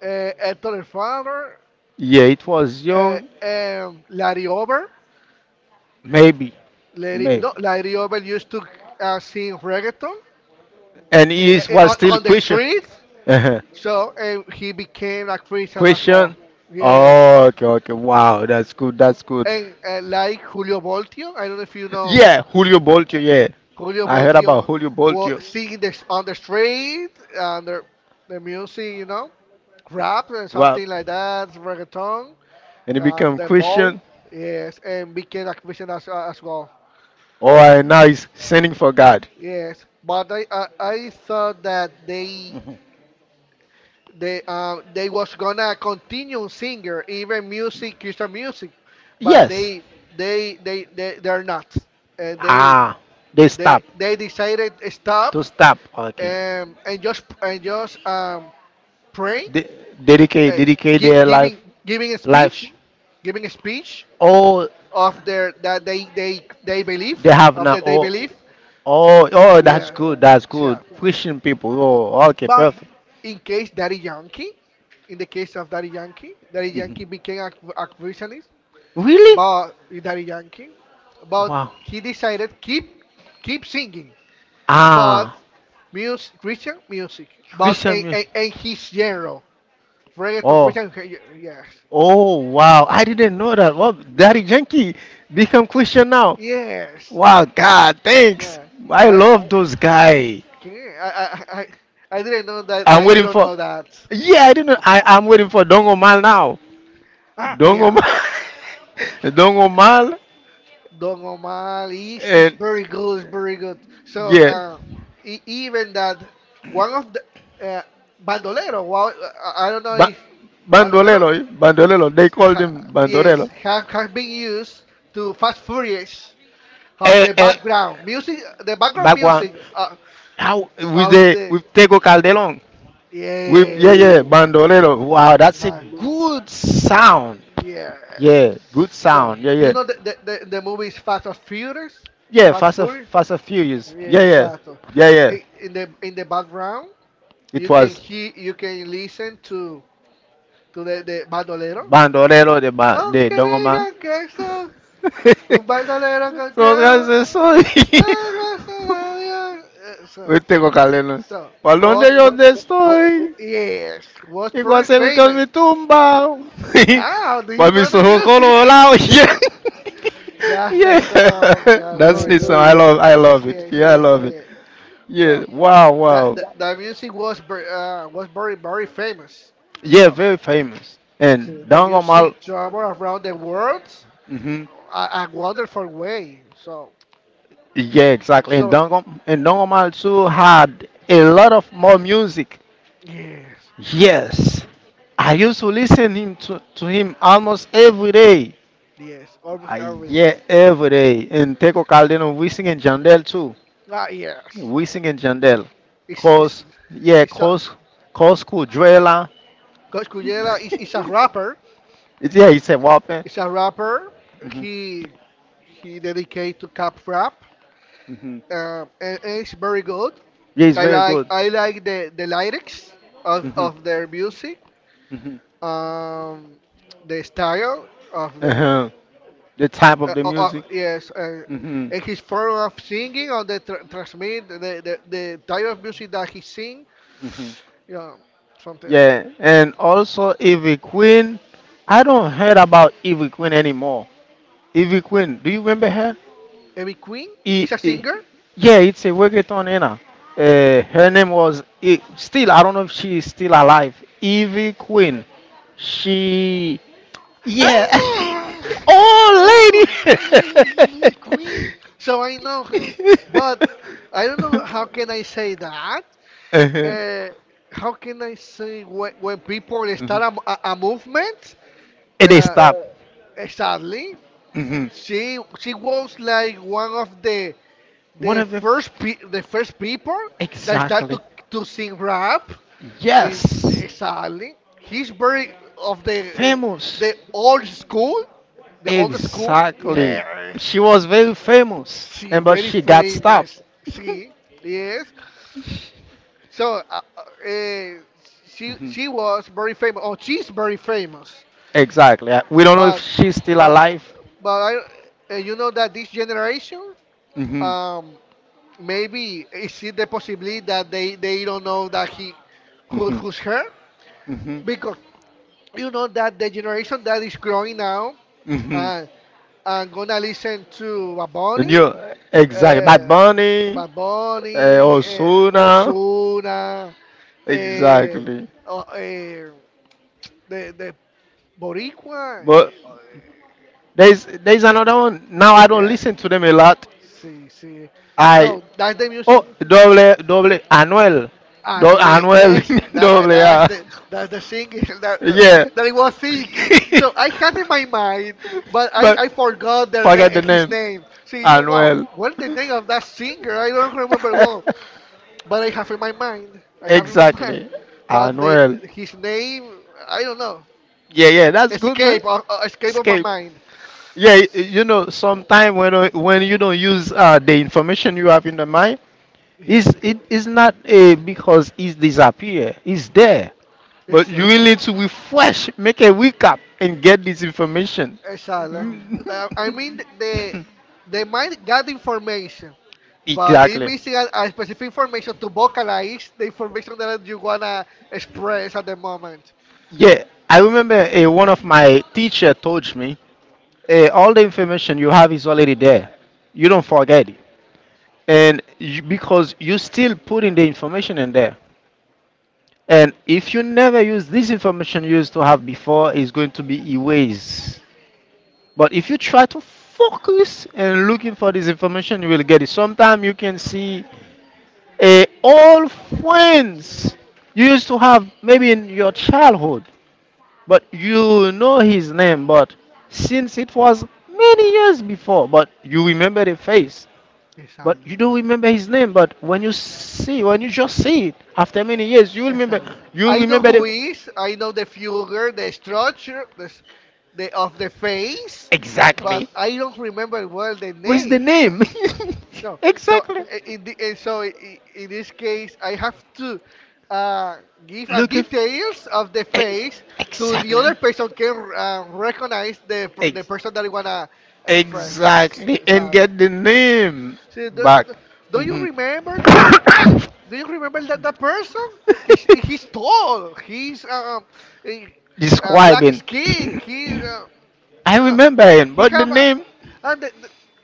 B: Hector el Father,
A: Yeah, it was young.
B: Larry Over.
A: Maybe,
B: Larry,
A: maybe.
B: no, Larry Over used to sing reggaeton
A: And
B: uh,
A: it was still
B: on the
A: question. *laughs*
B: street.
A: Uh-huh.
B: So he became a Christian as
A: Question.
B: well. Yes.
A: Oh, okay, okay. Wow, that's good. That's good.
B: And like Julio Voltio, I don't know if you know
A: Yeah, Julio Boltio. Yeah,
B: Julio
A: I heard about
B: Voltio,
A: Julio
B: was
A: Boltio.
B: singing this on the street, and the music, you know, rap and
A: Wow,
B: something like that, reggaeton,
A: and he
B: and
A: become
B: then ball.
A: Christian.
B: Yes, and became a Christian as well.
A: Oh, and now he's sending for God.
B: Yes, but I I thought that they they was gonna continue singer even music Christian music, but
A: Yes.
B: they're not. Uh, they
A: Ah, they stop.
B: they decided stop
A: To stop. Okay.
B: and just praying,
A: De- dedicate
B: uh,
A: dedicate their life
B: giving
A: life
B: giving a speech
A: all of
B: of their that they believe
A: they have
B: of that they
A: now
B: believe.
A: oh believe. Oh oh
B: Yeah,
A: that's good
B: yeah.
A: Christian people oh okay
B: But
A: perfect.
B: in case Daddy Yankee, in the case of Daddy Yankee, Daddy
A: Mhm.
B: Yankee became a Christianist,
A: Really
B: but Daddy Yankee, but
A: wow.
B: he decided keep keep singing, but
A: Ah
B: music, Christian music, but
A: Christian music
B: in his genre, reggaeton,
A: oh
B: Christian, yes,
A: oh wow I didn't know that well Daddy Yankee become Christian now.
B: yes.
A: Wow, God, thanks.
B: Yeah.
A: I
B: I,
A: love those guys.
B: okay, I didn't know that,
A: I'm
B: that you
A: waiting
B: don't
A: for.
B: know that.
A: Yeah, I didn't. I'm waiting for Dongo Mal now.
B: Ah,
A: Dongo
B: yeah,
A: Mal, *laughs* Dongo Mal,
B: Don Omar is
A: and
B: very good, is very good. So,
A: yeah,
B: e- even that one of the uh, Bandolero, wow, I don't know
A: ba-
B: if
A: Bandolelo,
B: Bandolero,
A: Bandolelo. They called
B: ha,
A: him
B: yes,
A: Bandolelo.
B: have been used to Fast Furious. Of
A: Eh, eh,
B: the background
A: Back one.
B: music
A: How with
B: of
A: the
B: the
A: with Tego Calderon? With yeah
B: yeah,
A: yeah bandolero. Wow, that's a
B: man,
A: good sound.
B: yes.
A: Yeah, good
B: So
A: sound. Yeah
B: you
A: yeah.
B: know the movie is Fast and Furious,
A: Yeah,
B: Fast
A: Fast and
B: Furious.
A: Fast and Furious. Yeah
B: Yeah,
A: yeah
B: exacto.
A: yeah yeah.
B: In the background,
A: It
B: you can
A: was
B: hear, you can listen to the bandolero.
A: bandolero the ba the
B: Aunque
A: dongoma.
B: digan que soy un bandolero
A: *laughs* so
B: cualquiera,
A: guys, so. *laughs*
B: ah, gracias a Dios. Eso.
A: Hoy tengo caleno.
B: So
A: ¿Para
B: was
A: dónde yo
B: bu-
A: te
B: wa-
A: estoy?
B: yes, was
A: Y cuando
B: pretty
A: se me, cuando
B: famous.
A: me tumba.
B: Ah, do
A: *laughs*
B: you
A: Cuando me
B: know the
A: so
B: music?
A: colorado. *laughs*
B: That's the
A: Yeah.
B: song.
A: Yeah. *laughs*
B: Yeah,
A: That's
B: very
A: neat
B: good.
A: song. I love it.
B: Yes,
A: Yeah, I
B: yes,
A: love it.
B: yeah.
A: Yeah.
B: Well,
A: Wow,
B: that
A: wow.
B: the music was was very famous.
A: Yeah,
B: So,
A: very famous. And
B: so the
A: Dangomal
B: music travel around the world
A: mhm.
B: a wonderful way. So,
A: Yeah, exactly. And
B: so
A: Dangom and Dangomal too had a lot of more music.
B: yes,
A: Yes. I used to listen him to him almost every day.
B: yes, almost
A: Uh,
B: every day.
A: yeah, every day. And Teco Calderon, we sing and Jandel too.
B: Ah, yes.
A: We sing and Jandel.
B: It's it's
A: Cause, yeah,
B: it's a,
A: cause, cause cool. Drella.
B: Coach Cuyela is a
A: *laughs*
B: rapper.
A: It's, yeah, it's a weapon.
B: Is a rapper.
A: Hmm
B: He he dedicated to cap rap.
A: hmm
B: And it's very good.
A: Yeah, it's
B: I
A: very
B: like
A: good.
B: I like the lyrics
A: Hmm
B: of their music.
A: hmm
B: Um, the style of the
A: Uh-huh. The type of the music.
B: yes,
A: Hmm
B: and his form of singing or the transmit the type of music that he sing.
A: hmm
B: Yeah, something like that.
A: Yeah, and also Ivy Queen. I don't heard about Ivy Queen anymore. Evie Queen, do you remember her?
B: Amy Queen
A: E,
B: is a
A: e,
B: singer.
A: yeah, it's a reggaeton Anna. Her name was e, still. I don't know if she is still alive. Evie Queen. She, yeah.
B: Ah!
A: *laughs* oh,
B: Oh,
A: lady.
B: *laughs* queen. So I know her, but I don't know how can I say that.
A: Uh-huh.
B: Uh, how can I say when people start a, m- a movement?
A: And they
B: Uh,
A: stop.
B: Sadly,
A: Hmm
B: she was like one of the
A: One of the.
B: the first people that start
A: Exactly.
B: to sing rap. In,
A: Yes.
B: sadly, he's very of the old school the old school.
A: Exactly.
B: Yes,
A: She was very famous,
B: she
A: and but
B: very
A: she got stopped.
B: famous. She yes. So she was very famous. Oh, she's very famous.
A: Exactly. We don't know
B: But
A: if she's still
B: but
A: alive.
B: but I you know that this generation
A: Mhm.
B: um maybe is it the possibility that they don't know that he who,
A: Mhm.
B: who's her
A: Was Mhm.
B: because you know that the generation that is growing now
A: Mhm.
B: uh, and gonna listen to
A: And
B: Baboni,
A: you exactly.
B: eh,
A: Bad Bunny,
B: Bad Bunny,
A: Osuna.
B: Ozuna, eh,
A: Exactly.
B: o- eh, de, de Boricua.
A: But there's another one. Now I don't
B: Yeah.
A: listen to them a lot.
B: See, see.
A: Ay,
B: So that's the music.
A: oh, doble, doble, Anuel. Do,
B: And we
A: Anuel,
B: ex
A: *laughs*
B: that
A: doble A.
B: that's the singing *laughs* that the,
A: Yeah.
B: that I was
A: *laughs*
B: thinking. So I had in my mind, but I
A: but
B: I forgot their
A: forget the
B: name his
A: name.
B: name. See you wow,
A: Anuel.
B: what the name of that singer? I don't remember well.
A: *laughs*
B: But I have in my mind. I have in my mind.
A: exactly.
B: But they,
A: Anuel.
B: his name, I don't know.
A: Yeah, yeah, that's good, man.
B: Escape, escape of my
A: Escape.
B: mind.
A: Yeah, you know, sometime when you don't use the information you have in the mind,
B: Yeah,
A: it's, it is not a because it's disappear. It's there. But you
B: exactly.
A: will need to refresh, make a recap, and get this information.
B: Exactly.
A: Mm.
B: I mean the mind got information,
A: *laughs*
B: but it
A: exactly.
B: missing a specific information to vocalize the information that you wanna express at the moment.
A: Yeah, I remember one of my teacher told me all the information you have is already there. You don't forget it, and you, because you still putting the information in there. And if you never use this information you used to have before, it's going to be erased. But if you try to focus and looking for this information, you will get it. Sometimes you can see eh, all friends you used to have maybe in your childhood, but you know his name, but since it was many years before, but you remember the face, but
B: Exactly.
A: you don't remember his name. But when you see, when you just see it after many years, you will remember.
B: Exactly.
A: You will
B: I know
A: remember
B: who
A: the.
B: is. I know the figure, the structure, the of the face, but
A: Exactly.
B: I don't remember well the
A: What's the
B: name.
A: name?
B: So,
A: *laughs*
B: so
A: exactly.
B: in the, so in this case, I have to uh, give a
A: Look if
B: details
A: if.
B: of the
A: E-
B: face to the
A: Exactly.
B: other person can
A: uh,
B: recognize the the
A: Ex-
B: person that I wanna express.
A: exactly. And get the name
B: So don't,
A: back. Do
B: don't
A: you
B: you
A: hmm.
B: remember? Do you remember that that person?
A: *laughs*
B: He's tall. He's a, black
A: Describing.
B: skin.
A: *coughs*
B: He,
A: I
B: you know,
A: remember him,
B: he
A: but the
B: have
A: no,
B: a,
A: name.
B: and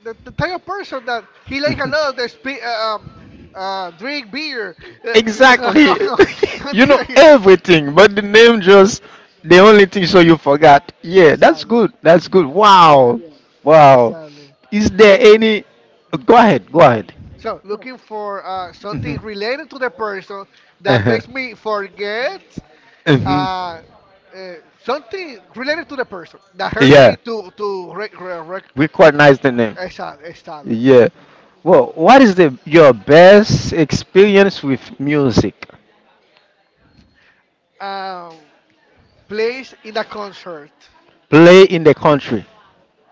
B: the type of person that he like a lot of drink beer. Uh,
A: Exactly. *laughs* *laughs* you know
B: *laughs*
A: everything, but the name just the only thing so you forgot. Yeah, that's
B: Exactly.
A: good. That's good. Wow. Yeah.
B: Yes.
A: Wow.
B: Exactly.
A: Is there
B: Look.
A: any go ahead, go ahead.
B: So looking for something
A: Mhm.
B: related to the person that
A: Uh-huh.
B: makes me
A: Focus.
B: forget
A: Mhm.
B: uh, uh, something related to the person that helped
A: Yeah.
B: me to
A: We quite nice the name.
B: exactly, exactly.
A: Yeah. Well, what is the your best experience with music?
B: Um, place in a concert.
A: Play in the country.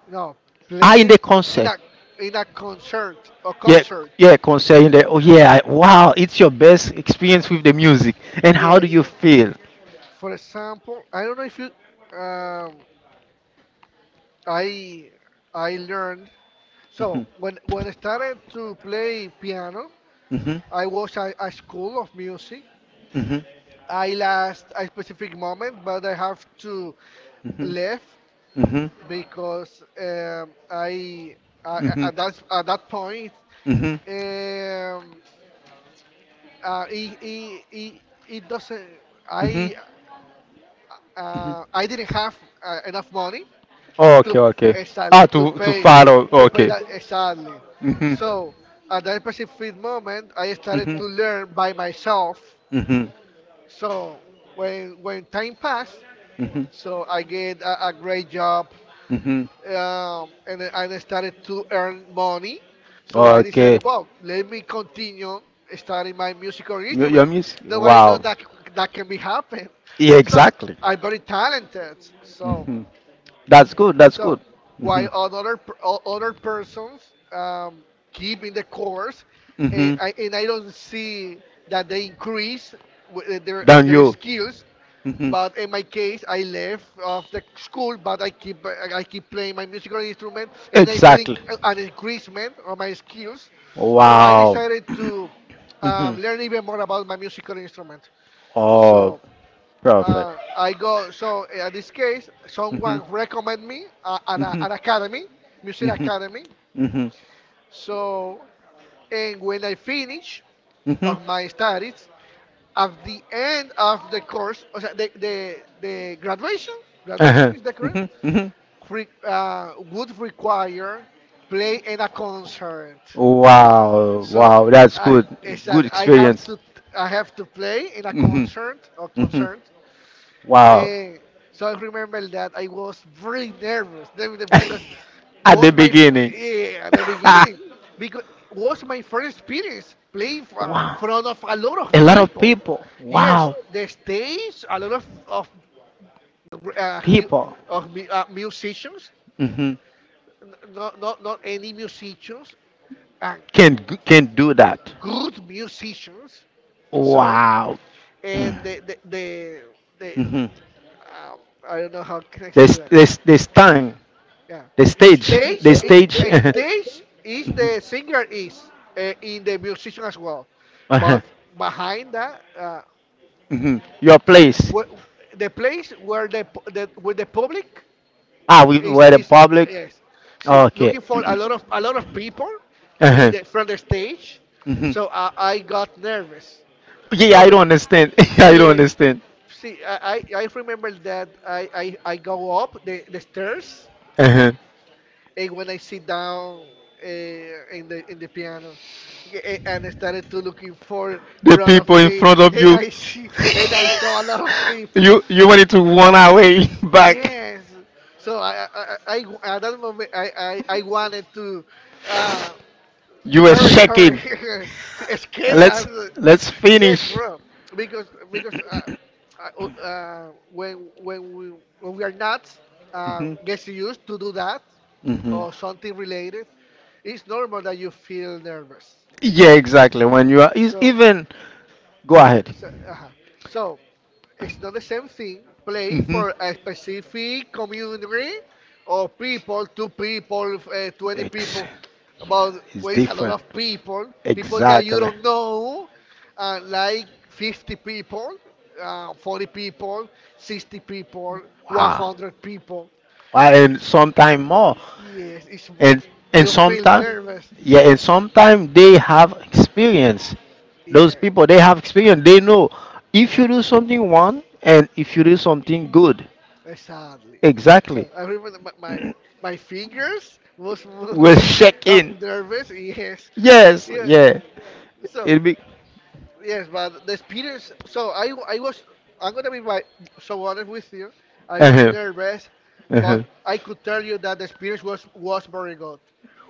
B: No,
A: Ah, in the
B: place
A: concert.
B: in a concert or
A: Yeah,
B: concert.
A: yeah, concert in the. Oh yeah, I- wow! It's your best experience with the music. And how do you
B: Yes.
A: feel?
B: For example, I don't know if you. Um, I I learned. So
A: Mhm.
B: when I started to play piano,
A: Mhm.
B: I was at a school of music.
A: Mhm.
B: I last a specific moment, but I have to left
A: Mhm. Mhm.
B: because I
A: hmm
B: at that point
A: hmm
B: um, uh, it, it, it, it doesn't
A: hmm
B: I I didn't have enough money to
A: Okay, okay. Ah,
B: exactly
A: to follow.
B: to pay
A: Okay.
B: that exactly.
A: hmm
B: So at that specific moment, I started
A: hmm
B: to learn by myself.
A: hmm
B: So when time passed,
A: hmm
B: so I get a great job
A: hmm
B: and then I started to earn money. So I
A: Okay.
B: decided, well, let me continue studying my musical
A: Your
B: instrument.
A: music.
B: Nobody know
A: Wow.
B: that that can be happen.
A: Yeah,
B: So
A: exactly.
B: I'm very talented. So
A: hmm That's good. That's
B: so
A: good. Hmm
B: while other persons um, keep in the course,
A: hmm
B: and I don't see that they increase
A: Than
B: their
A: you.
B: skills.
A: Hmm
B: But in my case, I left of the school, but I keep I keep playing my musical instrument, and I feeling
A: Exactly.
B: an increasement of my skills. So I
A: Wow.
B: decided
A: *clears throat*
B: to
A: Mhm.
B: learn even more about my musical instrument.
A: Oh,
B: So
A: perfect.
B: I go, so in this case, someone recommend me an academy, music academy.
A: Mhm.
B: So, and when I finish of my studies, at the end of the course, o sea, the graduation,
A: Mhm.
B: graduation is that
A: Course,
B: correct?
A: Mhm. Mhm.
B: Re, would require play in a concert.
A: Wow, so
B: So,
A: wow, that's
B: I,
A: I,
B: it's I have to, I have to play in a concert or concert.
A: Wow.
B: Uh, so I remember that I was very
A: *laughs*
B: nervous then because
A: At the
B: was my
A: beginning.
B: at the
A: *laughs*
B: beginning because was my first experience playing in
A: wow.
B: front of a lot of
A: A lot of
B: people.
A: people.
B: Yes,
A: Wow.
B: the stage, a lot of uh, hu-
A: People. Uh,
B: musicians,
A: hmm
B: not any musicians, and
A: Can can do that.
B: good musicians. So
A: Wow. *clears throat* and
B: and
A: hmm
B: the I don't know how can I
A: The,
B: say
A: s-
B: that.
A: the, s- the stand,
B: Yeah.
A: the stage, the
B: Stage,
A: stage. *laughs*
B: a
A: the stage.
B: stage is
A: Mhm.
B: the singer is in the
A: uh,
B: musician as
A: well.
B: well,
A: Uh-huh.
B: but behind that,
A: Mhm. Your place.
B: wh- the place where the where the public
A: Ah, we were the
B: is
A: public.
B: yes. See,
A: Okay.
B: looking for a lot of people in
A: Uh-huh.
B: the from the stage,
A: Mhm.
B: so I got nervous.
A: Yeah,
B: So
A: I don't
B: because,
A: understand. *laughs* I don't
B: yes,
A: understand.
B: see, I remember that I go up the stairs
A: Uh-huh.
B: and when I sit down in the piano, and I started to looking for
A: The
B: front of
A: people in
B: me,
A: front of
B: and
A: you.
B: I see
A: *laughs*
B: and I saw a lot of people.
A: you wanted to run away *laughs* back.
B: Yes, so at that moment I wanted to uh,
A: You were
B: hurry
A: shaking.
B: *laughs* to escape as
A: Let's let's
B: yes
A: finish. *coughs*
B: bro because when we are not gets used to do that
A: Mhm.
B: or something related it's normal that you feel nervous.
A: Yeah, exactly. When you are is
B: So,
A: even go ahead.
B: so, so it's not the same thing. Play
A: Mhm.
B: for a specific community or people, two people, 20
A: Ex-
B: people. About
A: It's
B: where is a lot
A: different.
B: of people, people that you
A: Exactly.
B: don't know, like 50 people, 40 people, 60 people,
A: Wow.
B: 100 people.
A: Why
B: It's-
A: and sometime more.
B: yes, it's more.
A: and and
B: You feel
A: sometimes
B: nervous.
A: yeah and sometimes they have experience those
B: Yeah,
A: people they have experience they know if you do something wrong and if you do something good
B: Exactly.
A: exactly.
B: So I remember my
A: *clears throat*
B: fingers was *laughs*
A: We're
B: moving up
A: shaking
B: nervous. Yes.
A: yes
B: Yeah.
A: yeah
B: So
A: it'll be
B: yes, but the experience. So I was. I'm gonna be my, so honest with you. I was
A: uh-huh.
B: nervous, but
A: Uh-huh.
B: I could tell you that the experience was very good.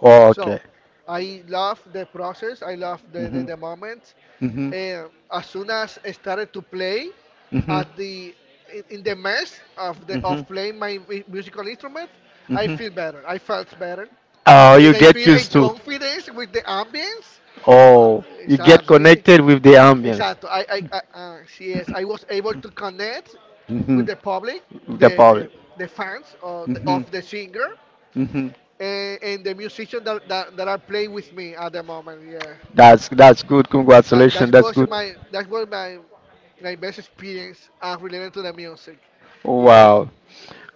A: Oh,
B: So
A: okay.
B: I love the process. I love the moment.
A: Mhm.
B: And as soon as I started to play
A: Mhm.
B: at the in the mess of the of
A: Mhm.
B: playing my musical instrument, I
A: Mhm.
B: feel better. I felt better,
A: Oh,
B: and
A: you
B: I feel in confidence with the ambience.
A: Oh, you Yeah, get
B: Exactly.
A: connected with the ambience.
B: Exacto. I yes, I was able to connect with the
A: with
B: public,
A: the,
B: the
A: public.
B: the, the fans of the singer
A: Mhm.
B: and the musicians that, that, that are playing with me at the moment. Yeah,
A: That's good. That
B: that
A: Congratulations.
B: that was my my best experience related to the music. Yes.
A: Wow.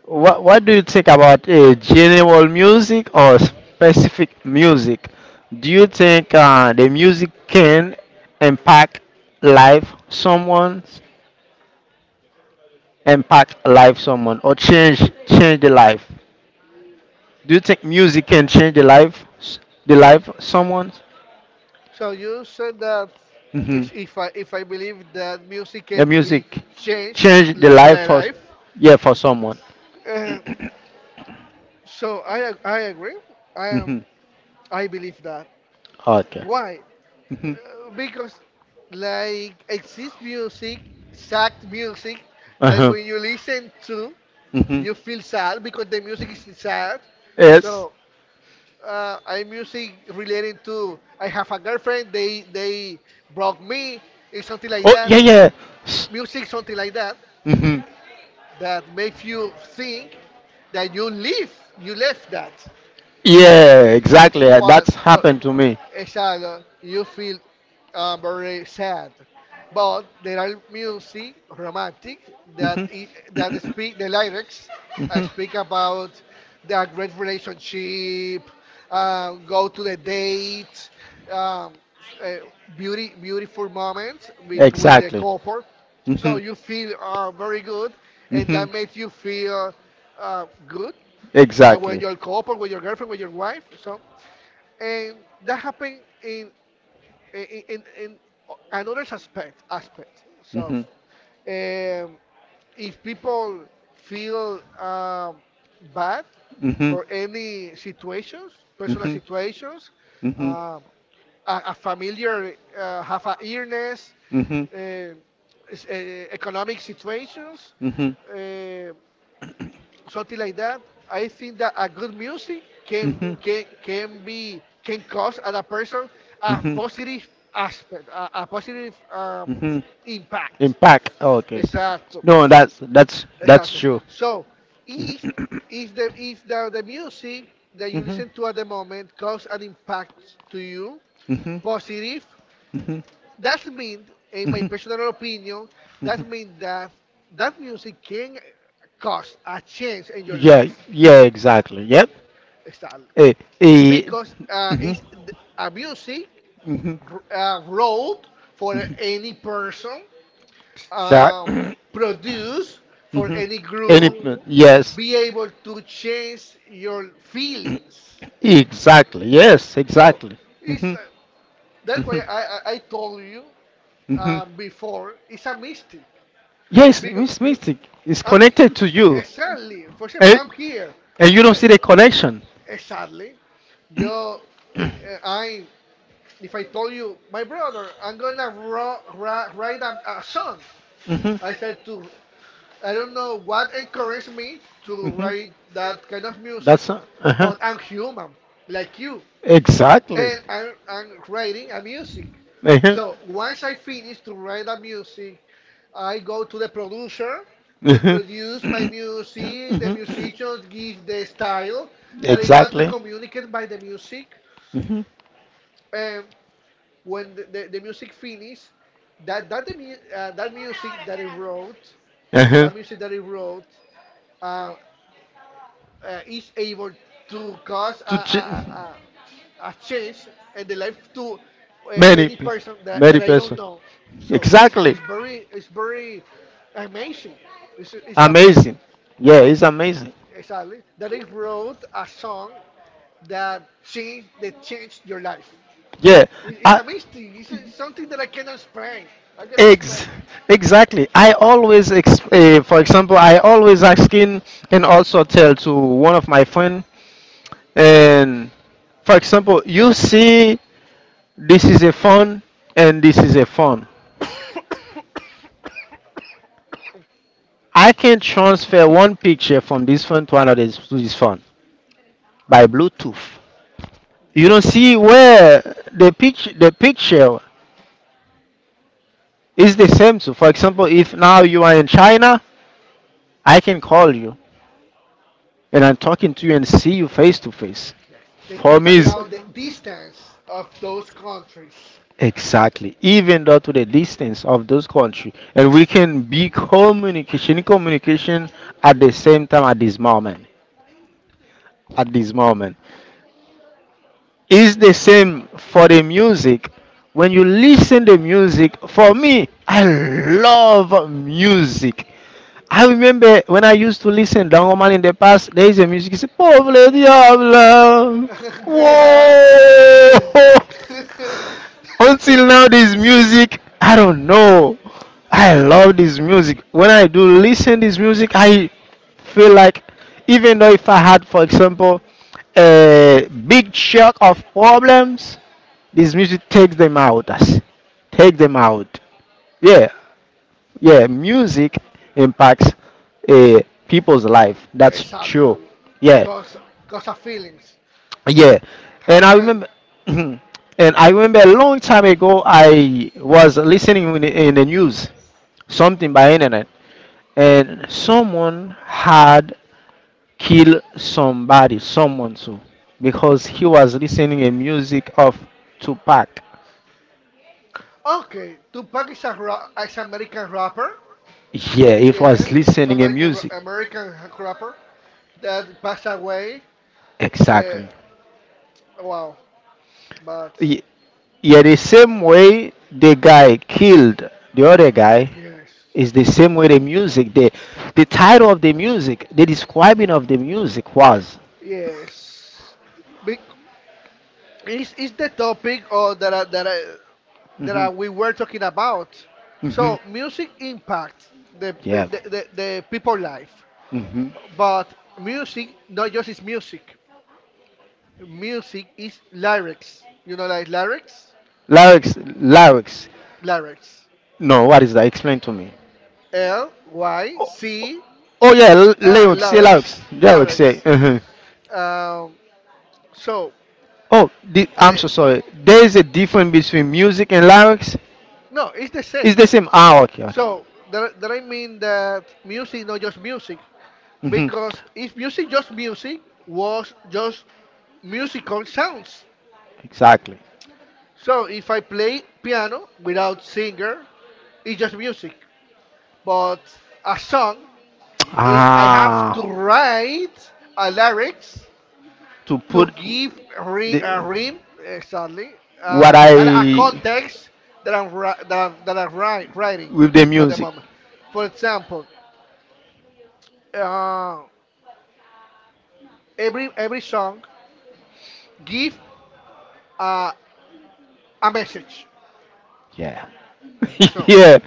A: What do you think about general music or specific music? Do you think the music can impact life someone, impact life someone, or change the life? Do you think music can change the the life someone?
B: So you said that
A: Hmm.
B: if I believe that music
A: The
B: can be
A: music
B: changed
A: the life
B: the
A: for
B: life,
A: yeah for someone.
B: uh, so I agree. I
A: Hmm.
B: am I believe that.
A: Okay.
B: Why?
A: Mhm.
B: Because like exists music, sad music that
A: Uh-huh.
B: when you listen to,
A: Mhm.
B: you feel sad because the music is sad.
A: Yes.
B: So I music relating to I have a girlfriend. They broke me. It's something like
A: Oh,
B: that.
A: yeah, yeah. S-
B: Music something like that
A: Mhm.
B: that makes you think that you live you left that
A: Yeah, exactly.
B: but
A: That's
B: so,
A: happened to me.
B: exactly, you feel very sad. But there are music, romantic, that
A: Mhm.
B: that speak the lyrics speak
A: Mhm.
B: about that great relationship, go to the date, um, uh, beauty beautiful moment between the couple. So you feel very good, and that makes you feel good with
A: With
B: your couple, with your girlfriend, with your wife. So and that happened in in another aspect aspect.
A: so
B: So,
A: mhm.
B: um, if people feel bad for any situations, personal situations, um a familiar have a illness,
A: Mhm.
B: uh, economic situations.
A: Mhm.
B: Uh, something like that. I think that a good music
A: Hmm.
B: can cause other person a
A: Hmm.
B: positive aspect, a positive
A: Hmm.
B: impact.
A: Impact. Okay.
B: Exacto,
A: No, that's
B: exacto. So if if the, the music that you
A: hmm
B: listen to at the moment cause an impact to you,
A: listen mhm, to
B: positive,
A: hmm hmm
B: that means, in my
A: hmm
B: personal opinion,
A: hmm
B: that means that that music can cause a change in your
A: Yeah, life.
B: life.
A: Yeah, exactly. Yep.
B: style,
A: Eh, y
B: because it's a music,
A: mhm,
B: wrote for any person,
A: that
B: um,
A: *clears throat* *coughs*
B: produced for
A: mhm,
B: any
A: any
B: group,
A: yes,
B: be able to change your feelings.
A: exactly, yes,
B: So
A: exactly.
B: it's
A: Mhm,
B: like, that's why I told you
A: mhm.
B: before it's a mystic
A: Yes,
B: because
A: Mystic is
B: I'm he-
A: connected to you,
B: exactly, for example,
A: and,
B: I'm here.
A: and you
B: Uh,
A: don't see the connection.
B: exactly, yo eh, I if I told you, my brother, I'm gonna write a song.
A: Mhm.
B: I said to, I don't know what encouraged me to
A: Mhm.
B: write that kind of music,
A: That's uh huh.
B: but I'm human, like you,
A: Exactly.
B: and I'm writing a music.
A: Uh-huh.
B: So once I finish to write a music, I go to the producer to
A: Mhm.
B: produce my music. The
A: Mhm.
B: musicians give the style that I want to
A: Exactly.
B: communicate by the music.
A: Mhm.
B: And when the music finished, that that music that he wrote,
A: Uh-huh.
B: that music that he wrote, uh, is able to cause a, a,
A: To
B: a,
A: ch-
B: a a change in the life to
A: many,
B: any
A: pe-
B: person that,
A: many
B: that I don't
A: person.
B: know. So it's,
A: Exactly.
B: it's very it's very amazing. It's,
A: Amazing.
B: it's amazing.
A: Amazing. Yeah,
B: So
A: it's amazing.
B: exactly that he wrote a song that changed your life.
A: Yeah. It's
B: It's
A: I,
B: amazing. It's something that I cannot explain. I
A: explain.
B: cannot
A: Ex-
B: explain.
A: exactly. For example, I always asking and also tell to one of my friend. And for example, you see this is a phone and this is a phone. I can transfer one picture from this phone to another to this phone by Bluetooth. You don't see where the picture is the same. So, for example, if now you are in China, I can call you and I'm talking to you and see you face to face.
B: Yes. Taking
A: For
B: into
A: me, is
B: account the distance of those countries.
A: exactly even though to the distance of those country, and we can be communication at the same time at this moment. At this moment, is the same for the music. When you listen the music, for me, I love music. I remember when I used to listen Dangoman in the past, there is a music, it's a Pauvre Diable.
B: *laughs* Yeah.
A: Whoa!
B: *laughs*
A: *laughs* Until now this music I don't know, I love this music. When I do listen this music I feel like, even though if I had for example a big shock of problems, this music takes them out us, take them out. Yeah. Yeah, music impacts uh, people's life. That's
B: Exactly.
A: true. Yeah,
B: Cause, cause of feelings
A: yeah. And I
B: happen.
A: remember, *clears throat* and I remember a long time ago, I was listening in the news something by internet, and someone had killed somebody, someone too, because he was listening a music of Tupac.
B: Okay, Tupac is American rapper.
A: Yeah, it was
B: Yes, it's
A: listening a music.
B: American rapper that passed away. Uh,
A: Exactly.
B: wow, but
A: Y- Yeah, the same way the guy killed the other guy
B: yes,
A: is the same way the music, the title of the music, the describing of the music was.
B: yes. Be- is the topic or that I, that I, that
A: Hmm.
B: I, we were talking about?
A: Hmm.
B: So music impact the the,
A: Yeah.
B: the the people life,
A: Hmm.
B: but music not just is music. Music is lyrics. You know, like lyrics,
A: Lyrics, lyrics.
B: lyrics.
A: No, what is that? Explain to me.
B: L Y C,
A: Oh yeah, l- lyrics, yeah, lyrics,
B: lyrics,
A: lyrics. Yeah.
B: lyrics.
A: Uh.
B: Um, so,
A: Oh, the, I'm
B: the
A: so sorry. There is a difference between music and lyrics.
B: no, it's the
A: It's
B: same.
A: the same. Ah, okay, okay.
B: So that I mean that music not just music
A: Mhm.
B: because if music just music was just musical sounds.
A: Exactly.
B: So if I play piano without singer, it's just music. But a song, I have to
A: Ah.
B: write a lyrics
A: To
B: to
A: put
B: give re
A: the,
B: Rim, exactly,
A: what
B: that a
A: I
B: context that I'm ri- that I'm wri- writing
A: with the
B: at the
A: music.
B: moment. For example, uh, every song give uh, a message.
A: Yeah. *laughs*
B: So,
A: Yeah.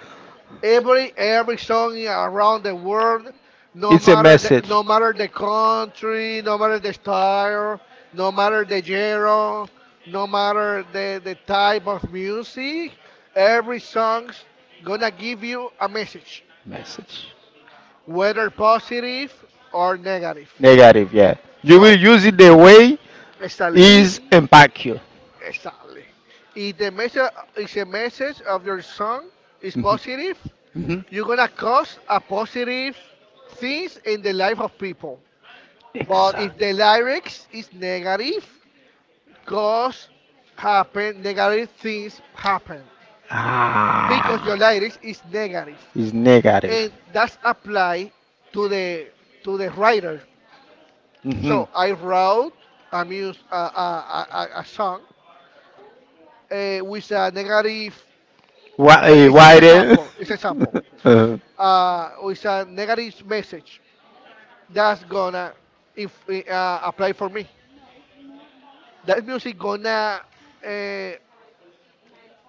B: every song around the world, no
A: It's a
B: matter the
A: message.
B: country, no matter the style, no matter the genre, no matter the type of music, every song's gonna give you a message,
A: Message.
B: whether positive or negative.
A: Negative, yeah. You
B: So
A: will use it the way
B: exactly if
A: is impact you.
B: exactly the message is a message of your song is
A: Mhm.
B: positive,
A: Mhm.
B: you're gonna cause a positive things in the life of people. But
A: Exact.
B: if the lyrics is negative, cause happen negative things happen because
A: Ah,
B: your lyrics is negative,
A: is negative.
B: and that's apply to the writer.
A: Mhm.
B: So I wrote a mus a song with a negative.
A: Why?
B: eh, It's, it's
A: Why
B: a
A: the?
B: sample. It's a sample.
A: *laughs*
B: With a negative message, that's gonna, if apply for me. That music gonna uh,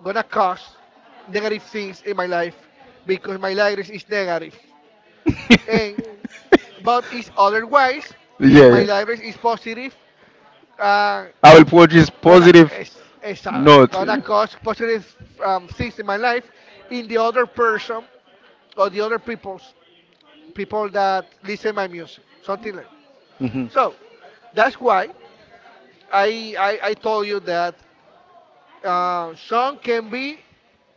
B: gonna cause negative things in my life because my lyrics is negative.
A: *laughs* Yeah,
B: And but it's otherwise, if my
A: yeah.
B: lyrics is positive, uh,
A: I will produce
B: gonna
A: positive
B: is, is, uh,
A: note.
B: gonna cause positive things in my life, in the other person or the other people's, people that listen my music, something like, so that's why I told you that song can be,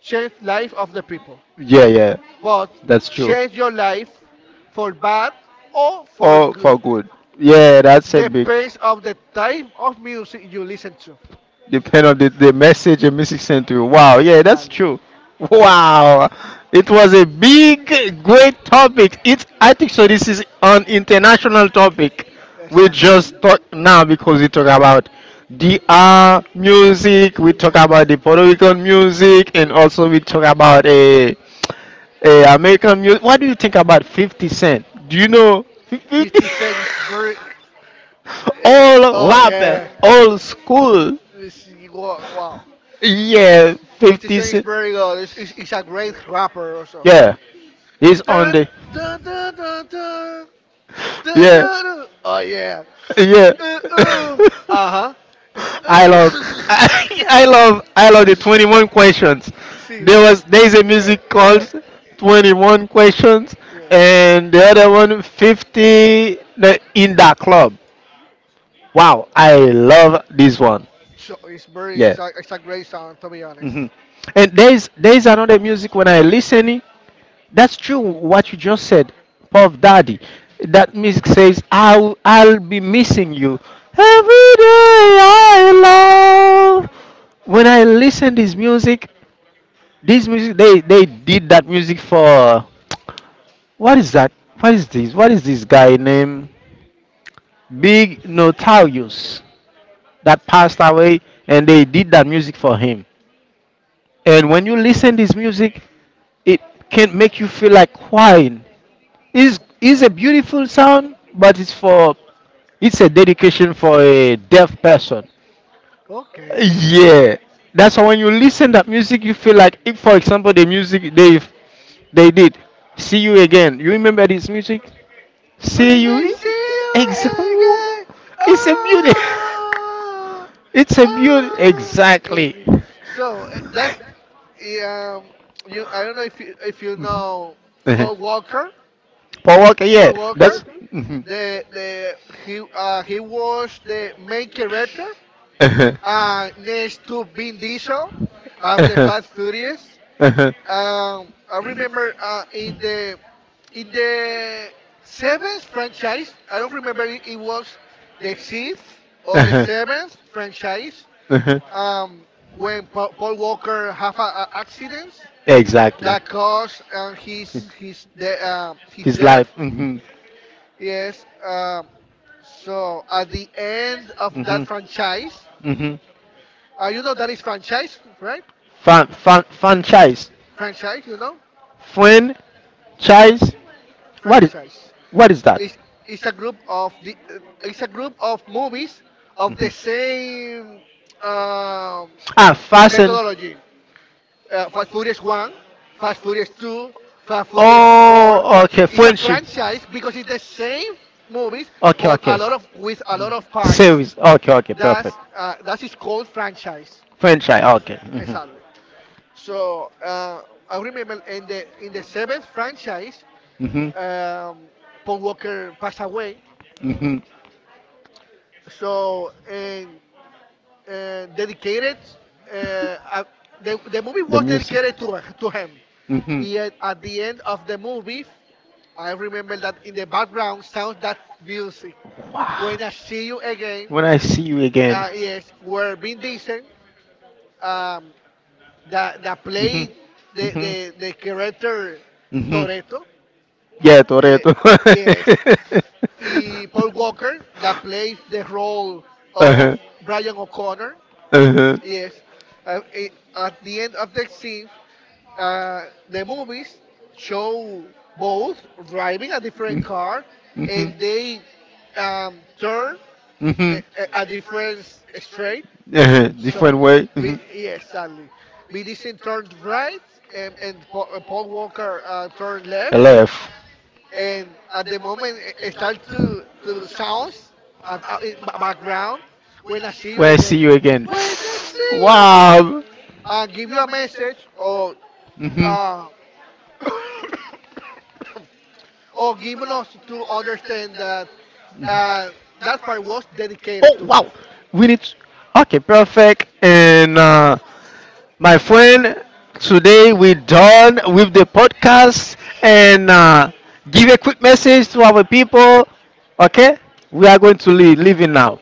B: change life of the people,
A: Yeah, yeah.
B: but
A: That's true.
B: change your life for bad or for
A: Or for
B: good.
A: good. Yeah, that's a big.
B: Depends of the type of music you listen to.
A: Depend on the message and music sent to you. Wow, yeah, that's
B: Exactly.
A: true. Wow. It was a big, great topic. It's I think so this is an
B: *laughs*
A: international topic. We
B: Exactly.
A: just talk now because we talk about DR music, we talk
B: Yeah.
A: about the Puerto Rican music, and also we talk about a American music. What do you think about 50 Cent? Do you know *laughs* 50?
B: 50 Cent is very.
A: *laughs* All
B: Oh
A: rapper,
B: yeah,
A: all school.
B: let's see. Wow, wow.
A: Yeah,
B: Fifty
A: 50
B: Cent is
A: Cent.
B: very good. It's he's a great rapper also.
A: Yeah, he's on
B: Dun,
A: the.
B: dun, dun, dun, dun, dun,
A: Yeah,
B: dun, dun. Oh yeah. Uh,
A: *laughs*
B: uh.
A: I love,
B: Uh-huh.
A: *laughs*
B: *laughs*
A: I love the 21 questions.
B: See.
A: There is a
B: Yeah,
A: music
B: yeah,
A: called 21 questions,
B: yes.
A: and the other one 50 the, in that club. Wow, I love this one.
B: So,
A: Yeah.
B: it's a great song, to be honest.
A: Hmm. And there is another music when I listen. That's true. What you just said, Puff Daddy. That music says, I'll be missing you every day." I love. When I listen this music they did that music for what is that? What is this? What is this guy named Big Notorious that passed away, and they did that music for him. And when you listen this music, it can make you feel like crying. Is a beautiful sound, but it's for it's a dedication for a deaf person.
B: Okay.
A: Yeah, that's why when you listen that music, you feel like if, for example, the music they did "See You Again." You remember this music? See
B: When I
A: you,
B: see you
A: exactly.
B: again,
A: It's a beauty. *laughs*
B: oh,
A: It's a beauty.
B: oh. Hey,
A: Exactly. *laughs*
B: so, eh, um, you I don't know if you know
A: Mhm.
B: Paul Walker.
A: Power? Walker, yeah.
B: Paul
A: That's.
B: Walker,
A: Mhm. *laughs*
B: the he was the main character,
A: Uh-huh. *laughs*
B: next to Vin Diesel of the
A: Huh. *laughs*
B: Fast Furious.
A: Uh-huh.
B: I remember, in the seventh franchise. I don't remember, it was the sixth or the
A: Huh.
B: seventh franchise.
A: Uh-huh.
B: When Paul Walker have a accident
A: Exactly.
B: that caused his
A: His
B: death.
A: life. Hmm.
B: Yes. So at the end of that franchise,
A: Mm-hmm.
B: you know that is franchise, right?
A: Fan, fan, franchise.
B: Franchise,
A: Friend, chise.
B: franchise.
A: What is that?
B: It's, it's a group of movies of the same, um
A: Ah.
B: methodology. Fast Furious One, Fast Furious Two, Fast Furious Four.
A: Oh, okay,
B: It's a
A: friendship.
B: franchise because it's the same movies,
A: Okay,
B: but a
A: okay.
B: lot of with a lot of parts.
A: Series. Okay, okay, perfect.
B: That is called franchise.
A: Franchise. Okay. Mhm.
B: Exactly. So, I remember in the seventh franchise,
A: Mhm.
B: um, Paul Walker passed away.
A: Mhm.
B: So and dedicated. Uh, uh, the movie was dedicated to him.
A: Mhm.
B: Yet at the end of the movie, I remember that in the background sounds that music. When I see you again,
A: When I see you
B: yes, where Vin Diesel, um, that played the character Toretto,
A: Toretto, yeah,
B: uh, yes,
A: Toretto.
B: y Paul
A: Yes, *laughs*
B: Walker, that plays the role of Brian O'Connor.
A: uh-huh.
B: Yes. At the end of the scene, the movies show both driving a different car, and they, turn
A: Mm-hmm.
B: a different straight.
A: Yeah,
B: So,
A: different way. Vin Mm-hmm.
B: yes, sadly, Vin Diesel turned right, and Paul Walker turned left,
A: Left.
B: and at the moment it start to sounds, in background, when I see you
A: Where I again. See
B: again.
A: you again.
B: When I see
A: When
B: you again,
A: Wow.
B: give you a message,
A: Hmm.
B: uh, or give us to understand that uh, that part was dedicated
A: Oh
B: to him.
A: wow, we need. Okay, perfect. And my friend, today we done with the podcast and give a quick message to our people. Okay, we are going to leave leaving now.